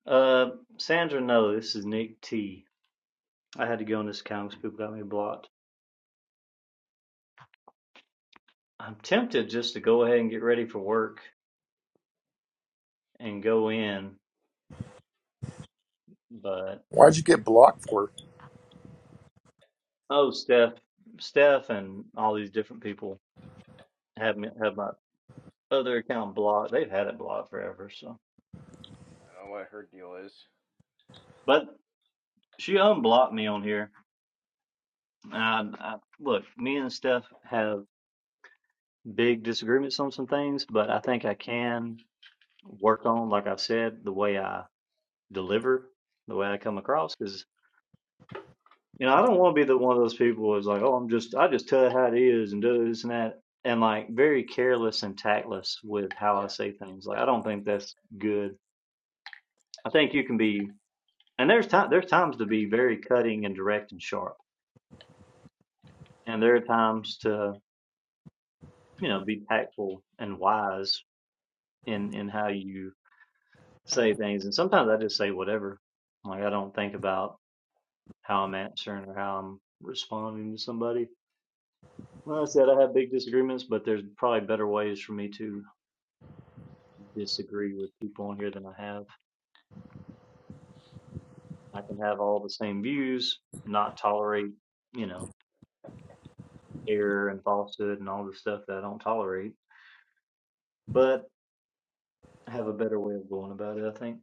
[SPEAKER 9] Uh, Sandra, no, this is Nick T. I had to go on this account because people got me blocked. I'm tempted just to go ahead and get ready for work and go in, but
[SPEAKER 2] Why'd you get blocked for?
[SPEAKER 9] oh, Steph, Steph, and all these different people have me have my other account blocked. They've had it blocked forever, so
[SPEAKER 7] I don't know what her deal is.
[SPEAKER 9] but she unblocked me on here. I, I, look, me and Steph have big disagreements on some things, but I think I can work on, like I said, the way I deliver, the way I come across. Because you know, I don't want to be the one of those people who's like, "Oh, I'm just, I just tell it how it is and do this and that," and like very careless and tactless with how I
[SPEAKER 7] Yeah,
[SPEAKER 9] say things. Like, I don't think that's good. I think you can be, and there's time, there's times to be very cutting and direct and sharp, and there are times to, you know, be tactful and wise in in how you say things. And sometimes I just say whatever. Like I don't think about how I'm answering or how I'm responding to somebody. Like I said, I have big disagreements, but there's probably better ways for me to disagree with people on here than I have. I can have all the same views, not tolerate, you know, error and falsehood and all the stuff that I don't tolerate, but have a better way of going about it, I think.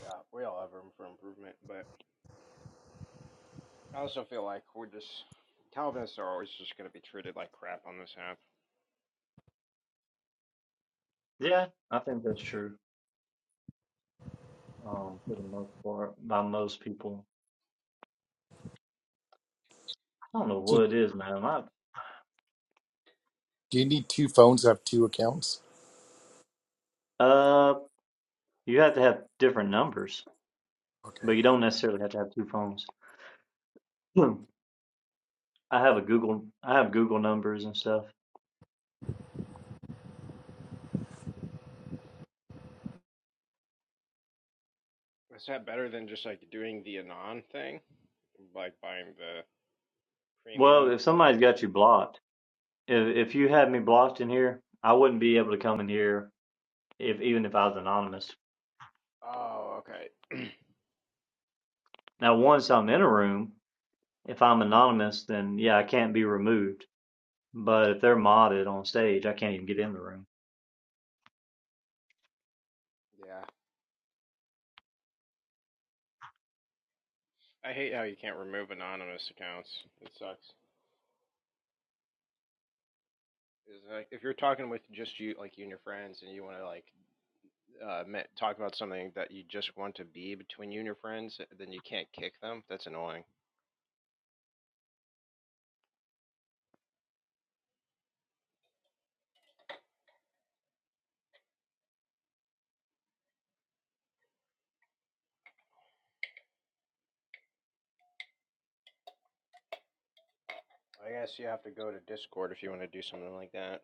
[SPEAKER 7] yeah, we all have room for improvement, but I also feel like we're just Calvinists are always just going to be treated like crap on this app.
[SPEAKER 9] Yeah, I think that's true um, for the most part by most people. I don't know
[SPEAKER 2] So
[SPEAKER 9] what it is, man. My
[SPEAKER 2] do you need two phones to have two accounts?
[SPEAKER 9] Uh, you have to have different numbers,
[SPEAKER 2] Okay.
[SPEAKER 9] but you don't necessarily have to have two phones. Hmm. I have a Google, I have Google numbers and stuff.
[SPEAKER 7] Is that better than just like doing the anon thing, like buying the
[SPEAKER 9] Well,
[SPEAKER 7] Premium
[SPEAKER 9] if somebody's
[SPEAKER 7] Clubhouse.
[SPEAKER 9] got you blocked, if if you had me blocked in here, I wouldn't be able to come in here if even if I was anonymous.
[SPEAKER 7] Oh, okay.
[SPEAKER 9] Now, once I'm in a room, if I'm anonymous, then yeah, I can't be removed. But if they're modded on stage, I can't even get in the room.
[SPEAKER 7] yeah. I hate how you can't remove anonymous accounts. It sucks. It's like if you're talking with just you, like you and your friends, and you want to like uh, talk about something that you just want to be between you and your friends, then you can't kick them. That's annoying. I guess you have to go to Discord if you want to do something like that.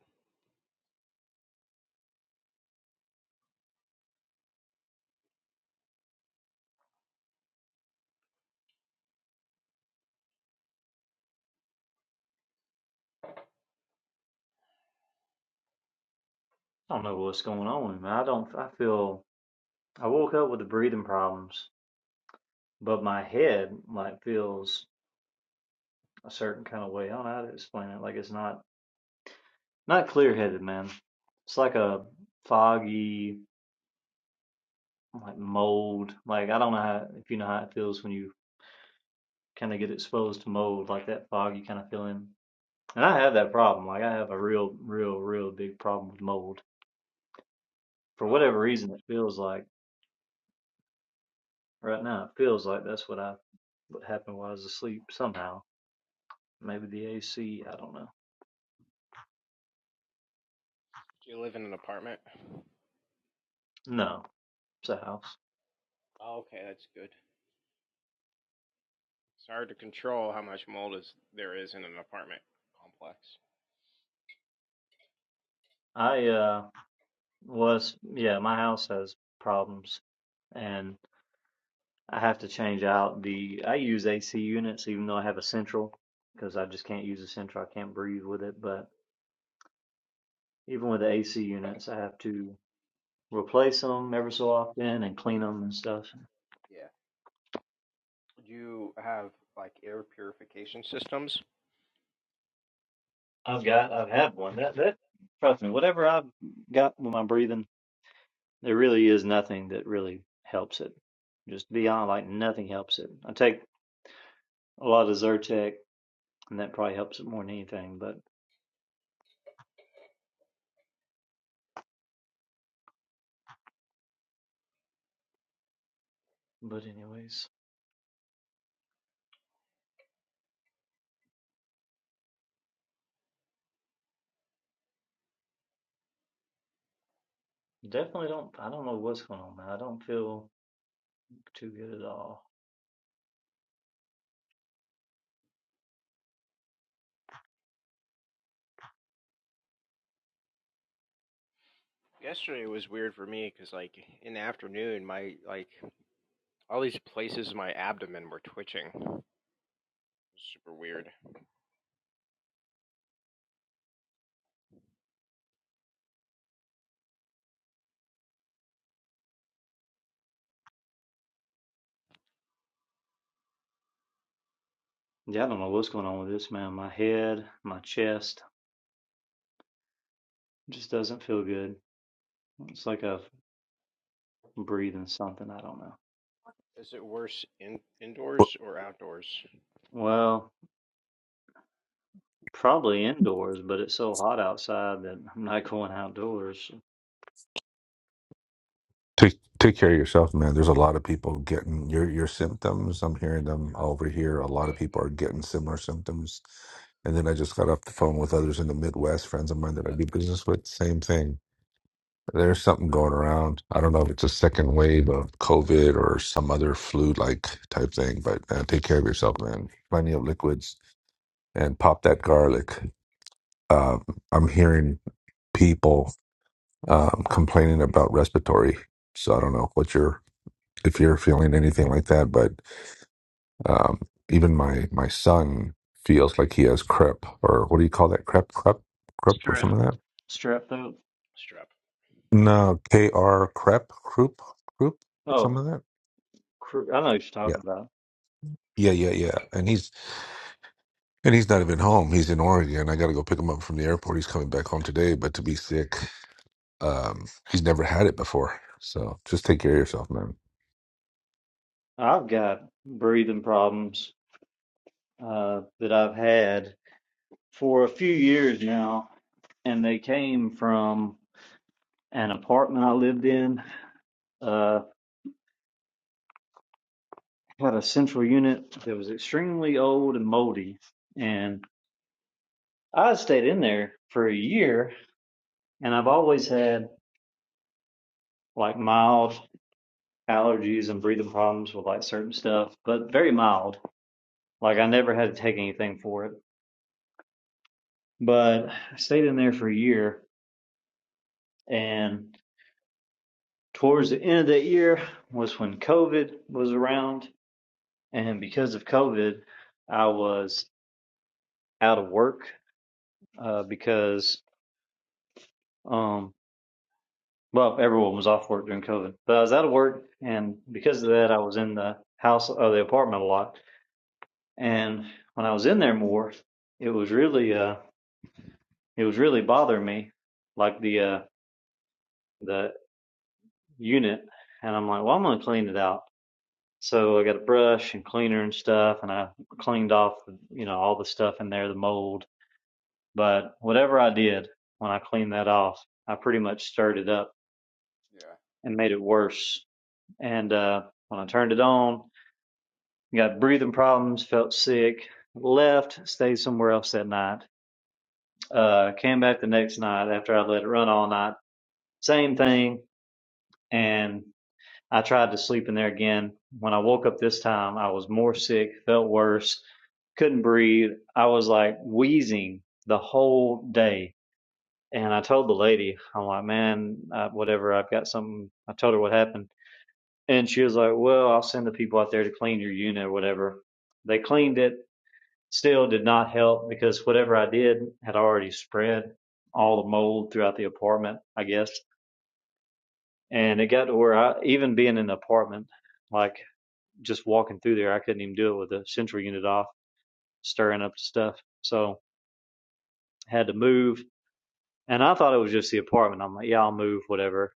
[SPEAKER 9] I don't know what's going on, man. I don't. I feel I woke up with the breathing problems, but my head like feels a certain kind of way. I don't know how to explain it. Like it's not not clear headed, man. It's like a foggy like mold. Like I don't know how if you know how it feels when you kind of get exposed to mold like that fog you kind of feel in. And I have that problem. Like I have a real, real, real big problem with mold. For
[SPEAKER 7] Oh.
[SPEAKER 9] whatever reason, it feels like right now it feels like that's what I what happened while I was asleep somehow. Maybe the AC. I don't know.
[SPEAKER 7] Do you live in an apartment?
[SPEAKER 9] No, it's a house.
[SPEAKER 7] Oh, okay, that's good. It's hard to control how much mold is there is in an apartment complex.
[SPEAKER 9] I uh was yeah, my house has problems, and I have to change out the. I use AC units even though I have a central because I just can't use a central. I can't breathe with it. But even with the AC units, I have to replace them ever so often and clean them and stuff.
[SPEAKER 7] Yeah. you have like air purification systems?
[SPEAKER 9] I've got. I've had one that that. Trust me, whatever I've got with my breathing, there really is nothing that really helps it. Just beyond
[SPEAKER 7] Uh,
[SPEAKER 9] like nothing helps it. I take a lot of Zyrtec, and that probably helps it more than anything. But But anyways, definitely don't. I don't know what's going on, man. I don't feel too good at all.
[SPEAKER 7] yesterday was weird for me because like in the afternoon, my like all these places in my abdomen were twitching. Super weird.
[SPEAKER 9] Yeah, I don't know what's going on with this, man. My head, my chest just doesn't feel good. It's like I'm breathing something. I don't know.
[SPEAKER 7] Is it worse in
[SPEAKER 6] Well,
[SPEAKER 7] indoors or outdoors?
[SPEAKER 9] Well, probably indoors, but it's so hot outside that I'm not going outdoors.
[SPEAKER 6] take take care of yourself, man. There's a lot of people getting your your symptoms. I'm hearing them over here. A lot of people are getting similar symptoms. And then I just got off the phone with others in the Midwest, friends of mine that I do business with. Same thing. There's something going around. I don't know if it's a second wave of COVID or some other flu-like type thing, but uh, take care of yourself, man. Plenty of liquids and pop that garlic. Um, I'm hearing people um, complaining about respiratory. So I don't know what you're if you're feeling anything like that, but um, even my my son feels like he has crep or what do you call that? Crep, crep, crep, or some of
[SPEAKER 9] Strep.
[SPEAKER 6] that.
[SPEAKER 9] Strep throat.
[SPEAKER 7] Strep.
[SPEAKER 6] No, K R crep, croup, croup, or some
[SPEAKER 9] Oh,
[SPEAKER 6] of that.
[SPEAKER 9] cr- I know what you're talking about.
[SPEAKER 6] Yeah, yeah, yeah, yeah. And he's and he's not even home. He's in Oregon. I got to go pick him up from the airport. He's coming back home today. But to be sick, um, he's never had it before. So just take care of yourself, man.
[SPEAKER 9] I've got breathing problems uh, that I've had for a few years now, and they came from an apartment I lived in. Uh, had a central unit that was extremely old and moldy, and I stayed in there for a year. And I've always had like mild allergies and breathing problems with like certain stuff, but very mild. Like I never had to take anything for it. But I stayed in there for a year, and towards the end of that year was when COVID was around and because of COVID, I was out of work uh, because um, well, everyone was off work during COVID, but I was out of work, and because of that, I was in the house or the apartment a lot. And when I was in there more, it was really uh, it was really bothering me, like the uh, the unit, and I'm like, well, I'm gonna clean it out. So I got a brush and cleaner and stuff, and I cleaned off, you know, all the stuff in there, the mold But whatever I did when I cleaned that off, I pretty much stirred it up
[SPEAKER 7] Yeah.
[SPEAKER 9] and made it worse. And uh, when I turned it on, got breathing problems, felt sick, left, stayed somewhere else that night, uh, came back the next night after I let it run all night. Same thing. And I tried to sleep in there again. When I woke up this time, I was more sick, felt worse, couldn't breathe. I was like wheezing the whole day And I told the lady, I'm like, man, uh, whatever, I've got something. I told her what happened. And she was like, well, I'll send the people out there to clean your unit or whatever. They cleaned it, still did not help because whatever I did had already spread all the mold throughout the apartment, I guess. And it got to where I, even being in the apartment, like just walking through there, I couldn't even do it with the central unit off, stirring up the stuff. So had to move. And I thought it was just the apartment. I'm like, yeah, I'll move, whatever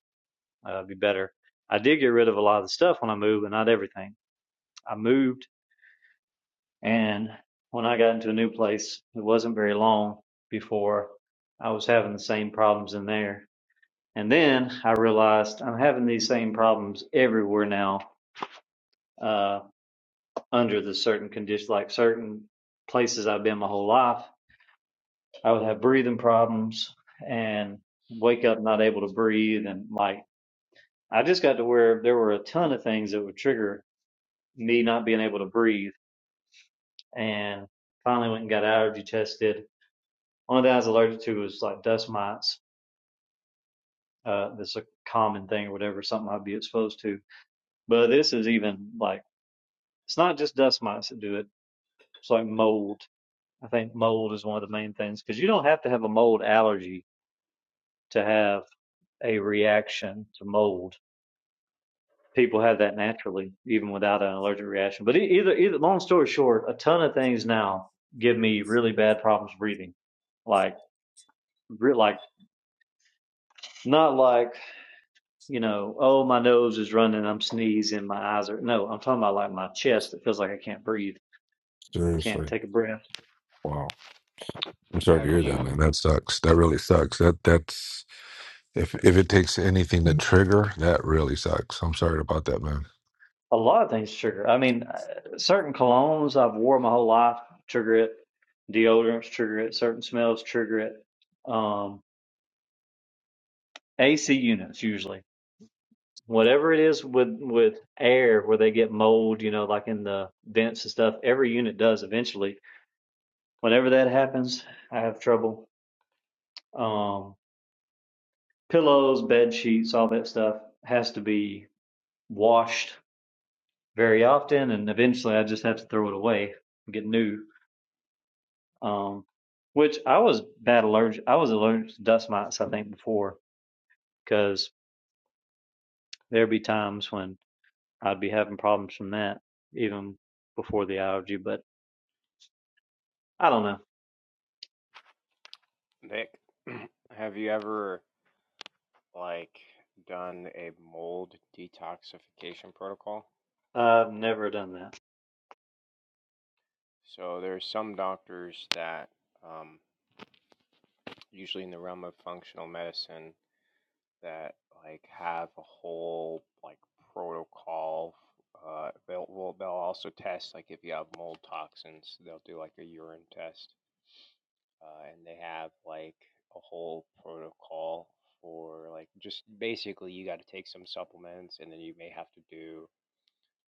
[SPEAKER 9] uh, be better. I did get rid of a lot of the stuff when I moved, but not everything. I moved, and when I got into a new place, it wasn't very long before I was having the same problems in there. And then I realized I'm having these same problems everywhere now, uh, under the certain conditions, like certain places I've been my whole life. I would have breathing problems and wake up not able to breathe. And like, I just got to where there were a ton of things that would trigger me not being able to breathe, and finally went and got allergy tested. One of the things I was allergic to was like dust mites. Uh, that's a common thing or whatever, something I'd be exposed to. But this is even like it's not just dust mites that do it. It's like mold. I think mold is one of the main things because you don't have to have a mold allergy to have a reaction to mold. People have that naturally, even without an allergic reaction. But e- either, either, long story short, a ton of things now give me really bad problems breathing like. like not like you know oh my nose is running i'm sneezing my eyes are no i'm talking about like my chest it feels like i can't breathe i can't
[SPEAKER 6] Seriously.
[SPEAKER 9] take a breath
[SPEAKER 6] Wow. I'm sorry to
[SPEAKER 7] Have
[SPEAKER 6] hear that, man.
[SPEAKER 7] you,
[SPEAKER 6] That sucks. That really sucks. That that's if if it takes anything to trigger, that really sucks. I'm sorry about that, man.
[SPEAKER 9] a lot of things trigger i mean uh, certain colognes i've wore my whole life trigger it deodorants trigger it certain smells trigger it um ac units usually whatever it is with with air where they get mold you know like in the vents and stuff every unit does eventually whenever that happens i have trouble um pillows, bed sheets, all that stuff has to be washed very often, and eventually I just have to throw it away and get new. Um, which I was bad allergic. I was allergic to dust mites, I think, before because there'd be times when I'd be having problems from that even before the allergy. But I don't know.
[SPEAKER 7] Nick? Have you ever like done a mold detoxification protocol?
[SPEAKER 9] I've never done that.
[SPEAKER 7] So there's some doctors that, um, usually in the realm of functional medicine, that like have a whole like protocol. Uh, they'll well, they'll also test like if you have mold toxins, they'll do like a urine test, uh, and they have like a whole protocol for like just basically you got to take some supplements, and then you may have to do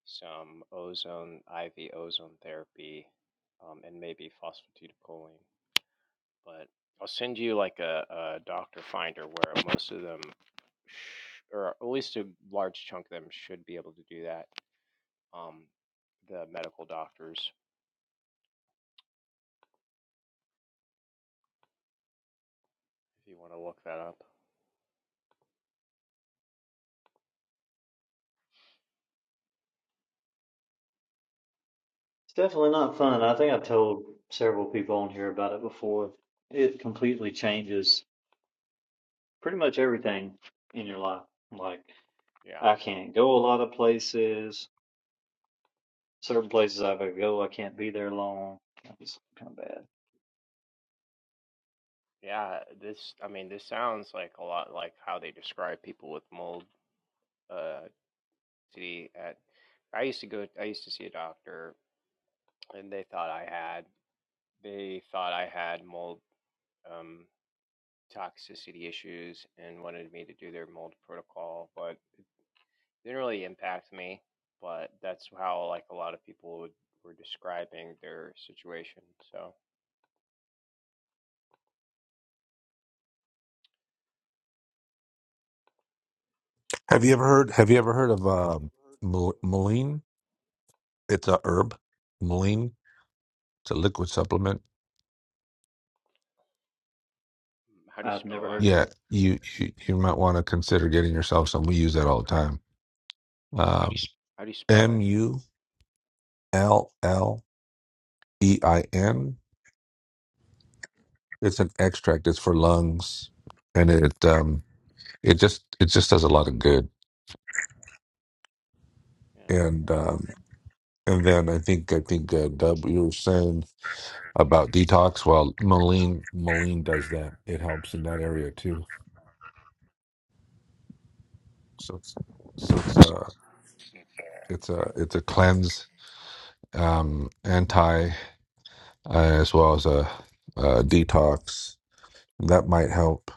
[SPEAKER 7] some ozone IV ozone therapy, um, and maybe phosphatidylcholine. But I'll send you like a, a doctor finder where most of them, sh- or at least a large chunk of them, should be able to do that. Um, the medical doctors, if you want to look that up.
[SPEAKER 9] It's definitely not fun. I think I've told several people on here about it before. It completely changes pretty much everything in your life. Like
[SPEAKER 7] Yeah.
[SPEAKER 9] I can't go a lot of places. Certain places I could go, I can't be there long. It's kind of bad.
[SPEAKER 7] Yeah. This, I mean, this sounds like a lot like how they describe people with mold. Uh, see, at I used to go, I used to see a doctor, and they thought I had, they thought I had mold um, toxicity issues and wanted me to do their mold protocol, but didn't really impact me, but that's how like a lot of people would, were describing their situation. So,
[SPEAKER 6] Have you ever heard have you ever heard of uh mel- Moline? It's a herb. Moline. It's a liquid supplement.
[SPEAKER 7] how do you
[SPEAKER 9] I've
[SPEAKER 7] spell
[SPEAKER 9] never heard
[SPEAKER 7] that?
[SPEAKER 9] of
[SPEAKER 6] Yeah,
[SPEAKER 9] that.
[SPEAKER 6] you you, you might want to consider getting yourself some. We use that all the time. Um
[SPEAKER 7] How do you spell
[SPEAKER 6] M
[SPEAKER 7] it?
[SPEAKER 6] U L L E I N. It's an extract. It's for lungs and it um it just it just does a
[SPEAKER 7] Hmm.
[SPEAKER 6] lot of good
[SPEAKER 7] Yeah.
[SPEAKER 6] and um, and then I think I think uh, Dub, you were saying about detox. Well, Moline Moline does that. It helps in that area too. So it's so it's a it's a it's a cleanse, um, anti, uh, as well as a, uh detox that might help.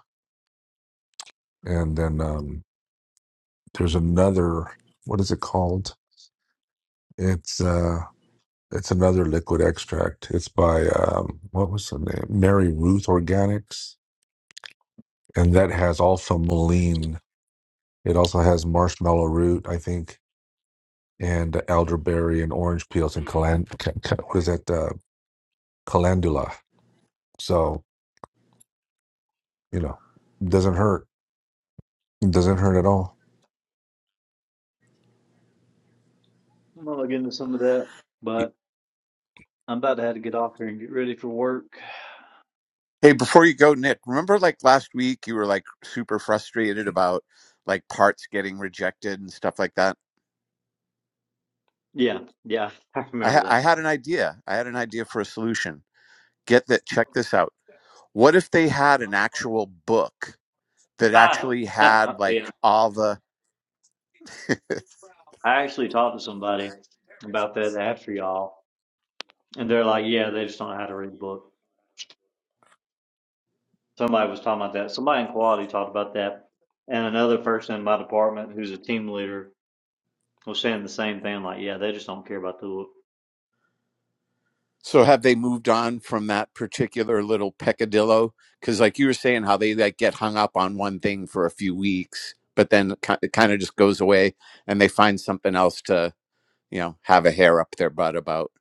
[SPEAKER 6] And then um, there's another. What is it called? It's uh, it's another liquid extract. It's by um, what was the name? Mary Ruth Organics and that has also moline. It also has marshmallow root, I think, and elderberry and orange peels and calan. ca- ca- What is that? Uh, calendula. So you know, doesn't hurt. It doesn't hurt at all.
[SPEAKER 9] I'm gonna look into some of that,
[SPEAKER 6] Y-
[SPEAKER 9] but I'm about to have to get off here and get ready for work.
[SPEAKER 10] Hey, before you go, Nick, remember like last week you were like super frustrated about like parts getting rejected and stuff like that?
[SPEAKER 9] Yeah, yeah, I
[SPEAKER 10] I
[SPEAKER 9] remember
[SPEAKER 10] ha-
[SPEAKER 9] that.
[SPEAKER 10] I had an idea. I had an idea for a solution. Get that check this out. What if they had an actual book that
[SPEAKER 9] Ah,
[SPEAKER 10] actually had like
[SPEAKER 9] yeah.
[SPEAKER 10] all the
[SPEAKER 9] I actually talked to somebody about that after y'all, and they're like, yeah, they just don't know how to read a book. Somebody was talking about that. Somebody in quality talked about that, and another person in my department who's a team leader was saying the same thing. Like, yeah, they just don't care about the book.
[SPEAKER 10] so have they moved on from that particular little peccadillo? Because like you were saying, how they like get hung up on one thing for a few weeks, but then it kind of just goes away, and they find something else to. you know, have a hair up their butt about.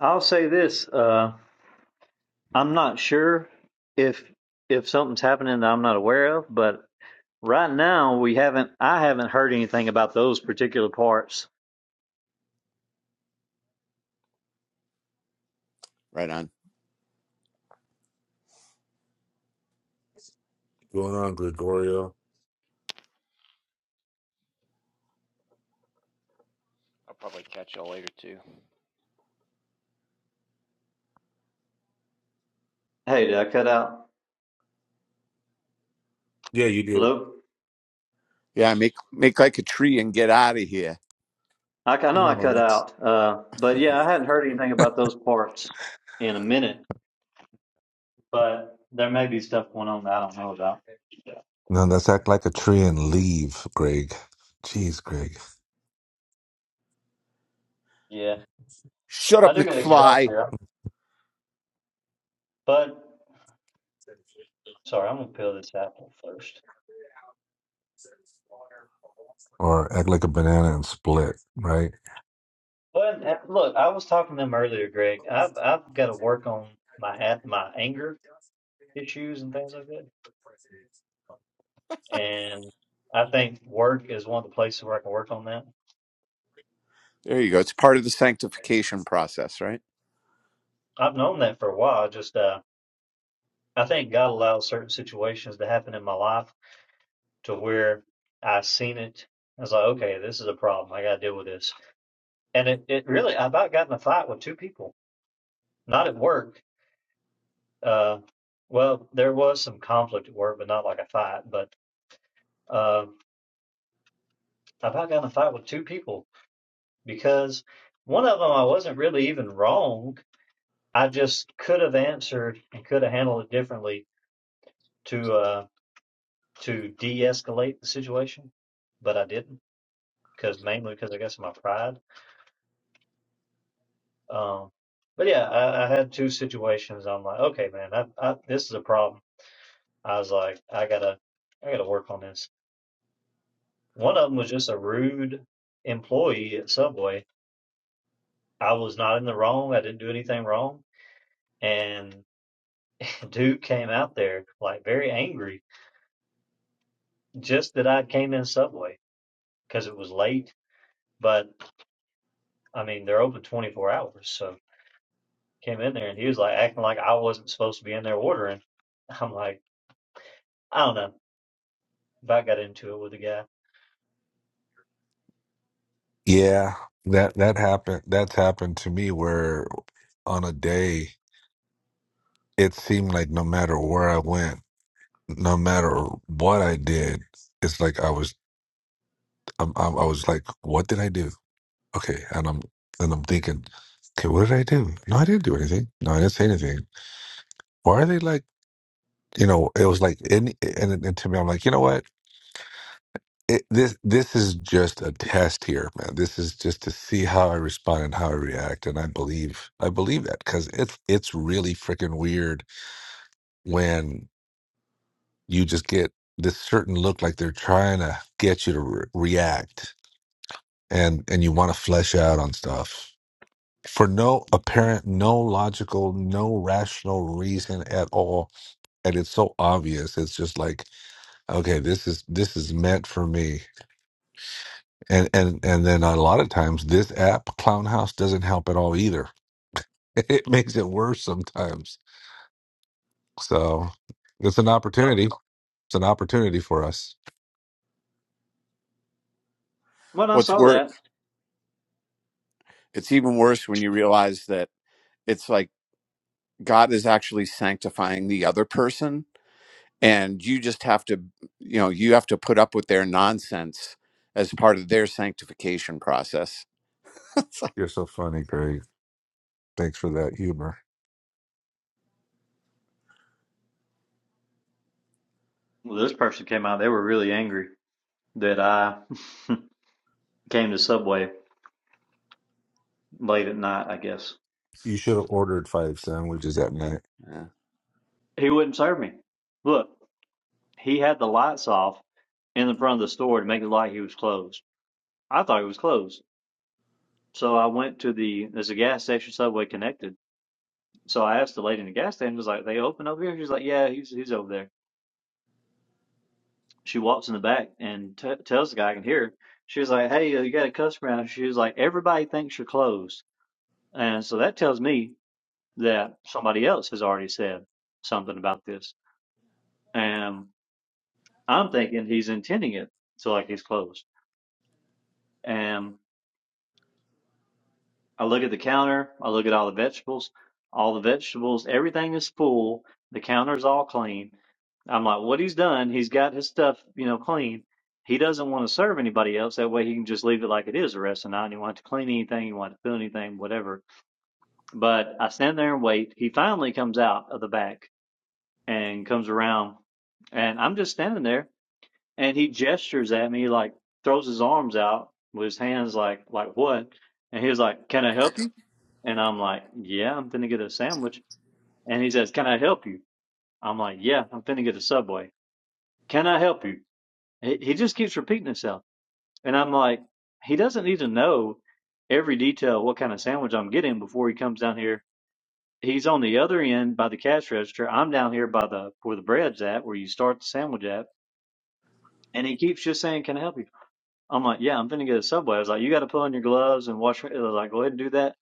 [SPEAKER 9] I'll say this: uh, I'm not sure if if something's happening that I'm not aware of, but right now we haven't. I haven't heard anything about those particular parts.
[SPEAKER 10] Right on.
[SPEAKER 6] Going on, Gregorio.
[SPEAKER 7] I'll probably catch it later too.
[SPEAKER 9] Hey, did I cut out?
[SPEAKER 6] Yeah, you did.
[SPEAKER 9] Hello.
[SPEAKER 10] Yeah, make make like a tree and get out of here.
[SPEAKER 9] I, I know I cut out, uh, but yeah, I hadn't heard anything about those parts in a minute. But there may be stuff going on that I don't know about.
[SPEAKER 6] No, let's act like a tree and leave, Greg. Jeez, Greg.
[SPEAKER 9] Yeah,
[SPEAKER 10] Shut
[SPEAKER 9] I
[SPEAKER 10] up,
[SPEAKER 9] do got to get off
[SPEAKER 10] McFly.
[SPEAKER 9] here, but sorry, I'm gonna peel this apple first.
[SPEAKER 6] Or act like a banana and split, right?
[SPEAKER 9] Well, and, uh, look, I was talking to him earlier, Greg. I've I've got to work on my at my anger issues and things like that, and I think work is one of the places where I can work on that.
[SPEAKER 10] There you go. It's part of the sanctification process, right?
[SPEAKER 9] I've known that for a while. Just uh, I think God allows certain situations to happen in my life to where I've seen it. I was like, okay, this is a problem. I got to deal with this. And it it really, I about got in a fight with two people, not at work. Uh, well, there was some conflict at work, but not like a fight, but. Um, I've gotten in a fight with two people because one of them I wasn't really even wrong. I just could have answered and could have handled it differently to uh, to de-escalate the situation, but I didn't because mainly because I guess of my pride. Um, but yeah, I, I had two situations. I'm like, okay, man, I, I, this is a problem. I was like, I gotta I gotta work on this. One of them was just a rude employee at Subway. I was not in the wrong. I didn't do anything wrong and Dude came out there like very angry just that I came in Subway because it was late. But I mean, they're open 24 hours. So came in there and he was like acting like I wasn't supposed to be in there ordering. I'm like, I don't know. But I got into it with the guy.
[SPEAKER 6] Yeah, that that happened. That's happened to me where on a day it seemed like no matter where I went, no matter what I did, it's like I was I'm, I'm, I was like, what did I do? Okay, and I'm and I'm thinking, okay, what did I do? No, I didn't do anything. No, I didn't say anything. Why are they like? You know, it was like any and, and to me, I'm like, you know what? It, this this is just a test here, man. This is just to see how I respond and how I react, and I believe I believe that because it's it's really freaking weird when. you just get this certain look like they're trying to get you to re- react and and you want to flesh out on stuff for no apparent no logical no rational reason at all and it's so obvious it's just like okay this is this is meant for me and and and then a lot of times this app clown house doesn't help at all either it makes it worse sometimes so it's an
[SPEAKER 9] Yep.
[SPEAKER 6] opportunity it's an opportunity for us
[SPEAKER 9] When I
[SPEAKER 10] What's
[SPEAKER 9] saw that,
[SPEAKER 10] worse, it's even worse when you realize that it's like God is actually sanctifying the other person. And you just have to, you know, you have to put up with their nonsense as part of their sanctification process. It's like,
[SPEAKER 6] you're so funny greg thanks for that humor
[SPEAKER 9] well, this person came out. They were really angry that I came to Subway late at night. I guess
[SPEAKER 6] You should have ordered five sandwiches that night.
[SPEAKER 10] yeah.
[SPEAKER 9] he wouldn't serve me. Look, he had the lights off in the front of the store to make it like he was closed. I thought he was closed. So I went to the there's a gas station subway connected. So I asked the lady in the gas station, was like, "They open over here?" She's like, "Yeah, he's he's over there." She walks in the back and t tells the guy I can hear. her. She was like, "Hey, uh, you got a customer out?" She was like, "Everybody thinks you're closed," and so that tells me that somebody else has already said something about this, and I'm thinking he's intending it to like he's closed. And I look at the counter. I look at all the vegetables. All the vegetables, everything is full. The counter's all clean. I'm like, what he's done, he's got his stuff, you know, clean. He doesn't want to serve anybody else. That way he can just leave it like it is the rest of the night. And he won't have to clean anything. He won't have to fill anything, whatever. But I stand there and wait. He finally comes out of the back and comes around. And I'm just standing there and he gestures at me like throws his arms out with his hands like like what and he was like can i help you and i'm like yeah i'm finna get a sandwich and he says can i help you i'm like yeah i'm finna get a subway can i help you he, he just keeps repeating himself and i'm like he doesn't need to know every detail what kind of sandwich i'm getting before he comes down here he's on the other end by the cash register i'm down here by the where the bread's at where you start the sandwich at and he keeps just saying can i help you I'm like, yeah, I'm finna get a Subway. I was like, you got to put on your gloves and wash. I was like, go ahead and do that.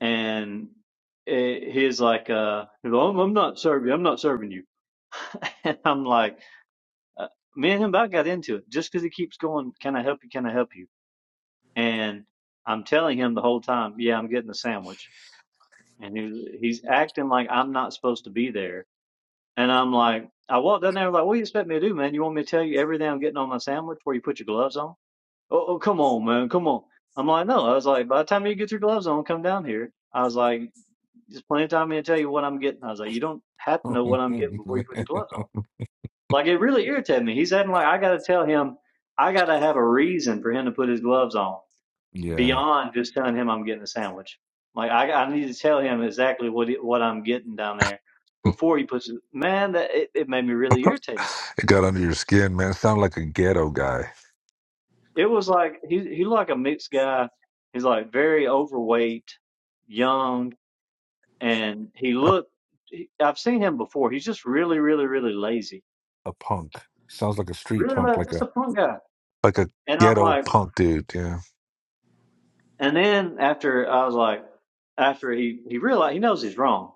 [SPEAKER 9] And eh, he's like, uh, he's like, I'm, I'm not serving. I'm not serving you. and I'm like, uh, me and him about got into it just because he keeps going. Can I help you? Can I help you? And I'm telling him the whole time, yeah, I'm getting a sandwich. And he, he's acting like I'm not supposed to be there. And I'm like, I walked down there like, what do you expect me to do, man? You want me to tell you everything I'm getting on my sandwich before you put your gloves on? oh, oh, come on, man, come on. I'm like, no. I was like, by the time you get your gloves on, come down here. I was like, there's plenty of time me to tell you what I'm getting. I was like, you don't have to know what I'm getting before you put your gloves on. Like, it really irritated me. He's acting like I got to tell him, I got to have a reason for him to put his gloves on
[SPEAKER 6] yeah.
[SPEAKER 9] beyond just telling him I'm getting a sandwich. Like, I, I need to tell him exactly what he, what I'm getting down there before he puts. It. Man, that it, it made me really irritated
[SPEAKER 6] it got under your skin, man. It sounded like a ghetto guy,
[SPEAKER 9] It was like he he like a mixed guy. He's like very overweight, young, and he
[SPEAKER 6] a,
[SPEAKER 9] looked. He, I've seen him before. He's just really, really, really lazy.
[SPEAKER 6] a punk. Sounds like a street
[SPEAKER 9] Really,
[SPEAKER 6] punk,
[SPEAKER 9] like,
[SPEAKER 6] like
[SPEAKER 9] just a
[SPEAKER 6] a
[SPEAKER 9] punk guy.
[SPEAKER 6] like a
[SPEAKER 9] And I'm
[SPEAKER 6] ghetto
[SPEAKER 9] like,
[SPEAKER 6] punk dude. Yeah,
[SPEAKER 9] and then after I was like, after he he realized he knows he's wrong,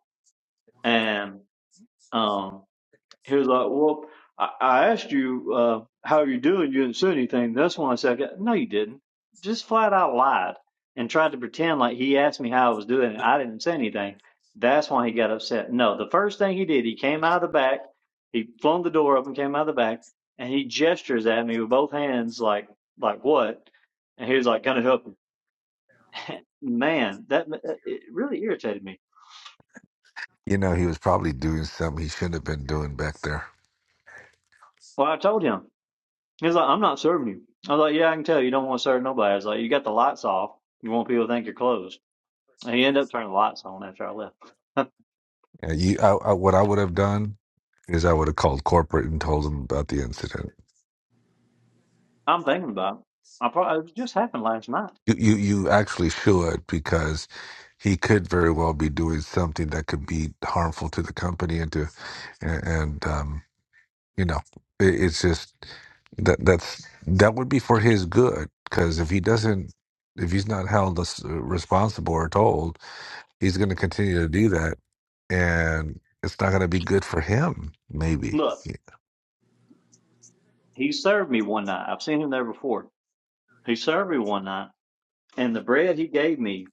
[SPEAKER 9] and um He was like, "Well, I, I asked you uh, how are you doing. You didn't say anything. That's when I said, I got-" no, you didn't. Just flat out lied and tried to pretend like he asked me how I was doing. and I didn't say anything. That's why he got upset. No, the first thing he did, he came out of the back. He flung the door open, came out of the back, and he gestures at me with both hands, like like what? And he was like, "Gonna help you, man." That it really irritated me.
[SPEAKER 6] you know he was probably doing something he shouldn't have been doing back there.
[SPEAKER 9] Well, I told him. He was like, I'm not serving you. I was like, Yeah, I can tell you don't want to serve nobody. I was like, You got the lights off. You want people to think you're closed. And he ended up turning the lights on after I left.
[SPEAKER 6] Yeah, you, I, I, what I would have done is I would have called corporate and told them about the incident.
[SPEAKER 9] I'm thinking about it. I probably it just happened last night.
[SPEAKER 6] You, you you actually should because he could very well be doing something that could be harmful to the company and to and, and um you know it, it's just that that's that would be for his good because if he doesn't if he's not held as- uh, responsible or told he's going to continue to do that and it's not going to be good for him maybe
[SPEAKER 9] Look, he served me one night. I've seen him there before. He served me one night, and the bread he gave me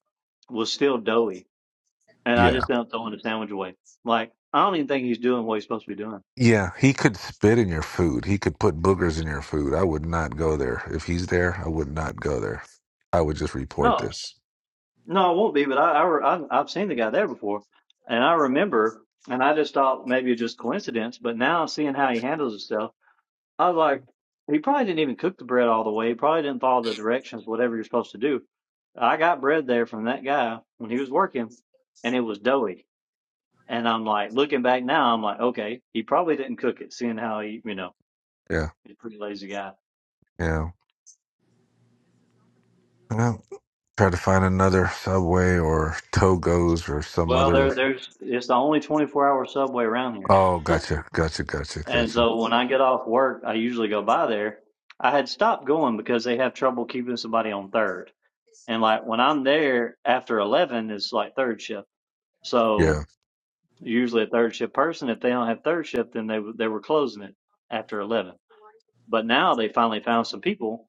[SPEAKER 9] was still doughy, and I
[SPEAKER 6] yeah.
[SPEAKER 9] just ended up throwing the sandwich away. Like I don't even think he's doing what he's supposed to be doing.
[SPEAKER 6] Yeah, he could spit in your food. He could put boogers in your food. I would not go there. If he's there, I would not go there. I would just report
[SPEAKER 9] No,
[SPEAKER 6] this.
[SPEAKER 9] No, I won't be, but I, I, re- I've I've seen the guy there before, and I remember, and I just thought maybe it's just coincidence, but now seeing how he handles himself, I was like, he probably didn't even cook the bread all the way. He probably didn't follow the directions, whatever you're supposed to do. I got bread there from that guy when he was working, and it was doughy. And I'm like, looking back now, I'm like, okay, he probably didn't cook it, seeing how he, you know,
[SPEAKER 6] Yeah,
[SPEAKER 9] he's a pretty lazy guy.
[SPEAKER 6] yeah. Well, try to find another Subway or Togo's or some
[SPEAKER 9] Well,
[SPEAKER 6] other.
[SPEAKER 9] there, there's, it's the only 24 hour Subway around here.
[SPEAKER 6] Oh, gotcha, gotcha, gotcha,
[SPEAKER 9] And
[SPEAKER 6] gotcha.
[SPEAKER 9] so when I get off work, I usually go by there. I had stopped going because they have trouble keeping somebody on third. And like when I'm there after 11, it's like third shift.
[SPEAKER 6] Yeah,
[SPEAKER 9] So usually a third shift person, if they don't have third shift, then they, they were closing it after 11. But now they finally found some people,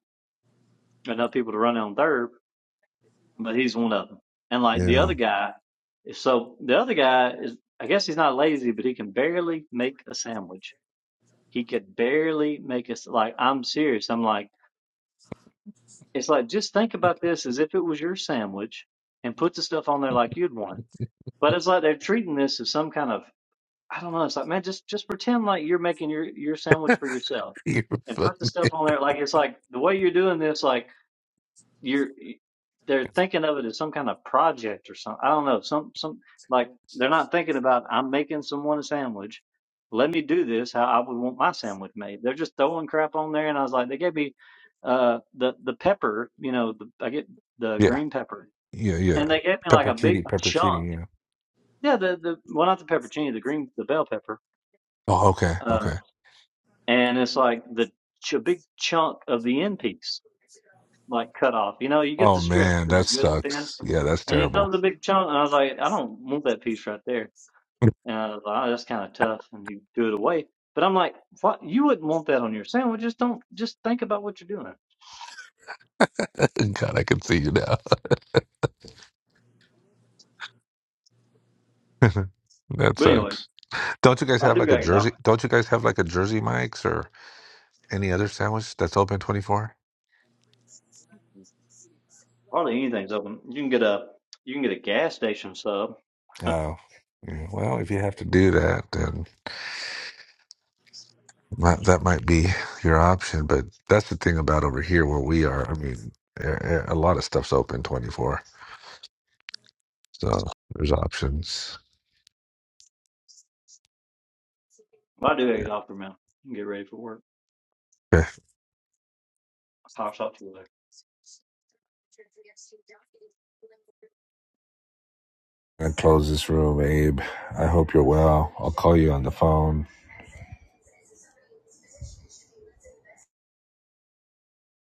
[SPEAKER 9] enough people to run on third, but he's one of them. And like the
[SPEAKER 6] yeah.
[SPEAKER 9] other guy, so the other guy is, I guess he's not lazy, but he can barely make a sandwich He could barely make us like I'm serious. I'm like it's like just think about this as if it was your sandwich and put the stuff on there like you'd want. it. But it's like they're treating this as some kind of I don't know, it's like man just just pretend like you're making your your sandwich for yourself
[SPEAKER 6] You're
[SPEAKER 9] and
[SPEAKER 6] funny.
[SPEAKER 9] put the stuff on there like it's like the way you're doing this like you're they're thinking of it as some kind of project or something. I don't know. Some some like they're not thinking about I'm making someone a sandwich. Let me do this how I would want my sandwich made. They're just throwing crap on there, and I was like, they gave me uh the the pepper, you know, the, I get the
[SPEAKER 6] Yeah,
[SPEAKER 9] green pepper,
[SPEAKER 6] yeah, yeah.
[SPEAKER 9] and they gave me like a big
[SPEAKER 6] Peppercini,
[SPEAKER 9] chunk.
[SPEAKER 6] peppercini. Yeah.
[SPEAKER 9] Yeah, the the well not the peppercini, the green the bell pepper,
[SPEAKER 6] Oh, okay,
[SPEAKER 9] uh,
[SPEAKER 6] okay.
[SPEAKER 9] and it's like the ch- a big chunk of the end piece like cut off. You know, you get the
[SPEAKER 6] Oh
[SPEAKER 9] strips
[SPEAKER 6] man,
[SPEAKER 9] that are
[SPEAKER 6] that
[SPEAKER 9] good and thin,
[SPEAKER 6] sucks. Yeah, that's
[SPEAKER 9] and he
[SPEAKER 6] terrible.
[SPEAKER 9] throws a big chunk. And I was like, I don't want that piece right there. And I was like, oh, that's kind of tough. And he threw it away. But I'm like, what? You wouldn't want that on your sandwich. Just don't. Just think about what you're doing.
[SPEAKER 6] God, I can see you now. that
[SPEAKER 9] But anyways,
[SPEAKER 6] sucks. Don't you guys
[SPEAKER 9] I
[SPEAKER 6] have
[SPEAKER 9] do
[SPEAKER 6] like a
[SPEAKER 9] gotta get off.
[SPEAKER 6] Jersey? Don't you guys have like a Jersey Mike's or any other sandwich that's open twenty four?
[SPEAKER 9] Hardly anything's open. You can get a you can get a gas station sub.
[SPEAKER 6] Oh, yeah, well, if you have to do that, then that that might be your option. But that's the thing about over here where we are. I mean, a, a lot of stuff's open twenty four, so there's options.
[SPEAKER 9] I do gotta
[SPEAKER 6] Yeah.
[SPEAKER 9] get off for a minute. You can get ready for work. I'll talk to you later.
[SPEAKER 6] Okay. I close this room, Abe. I hope you're well. I'll call you on the phone.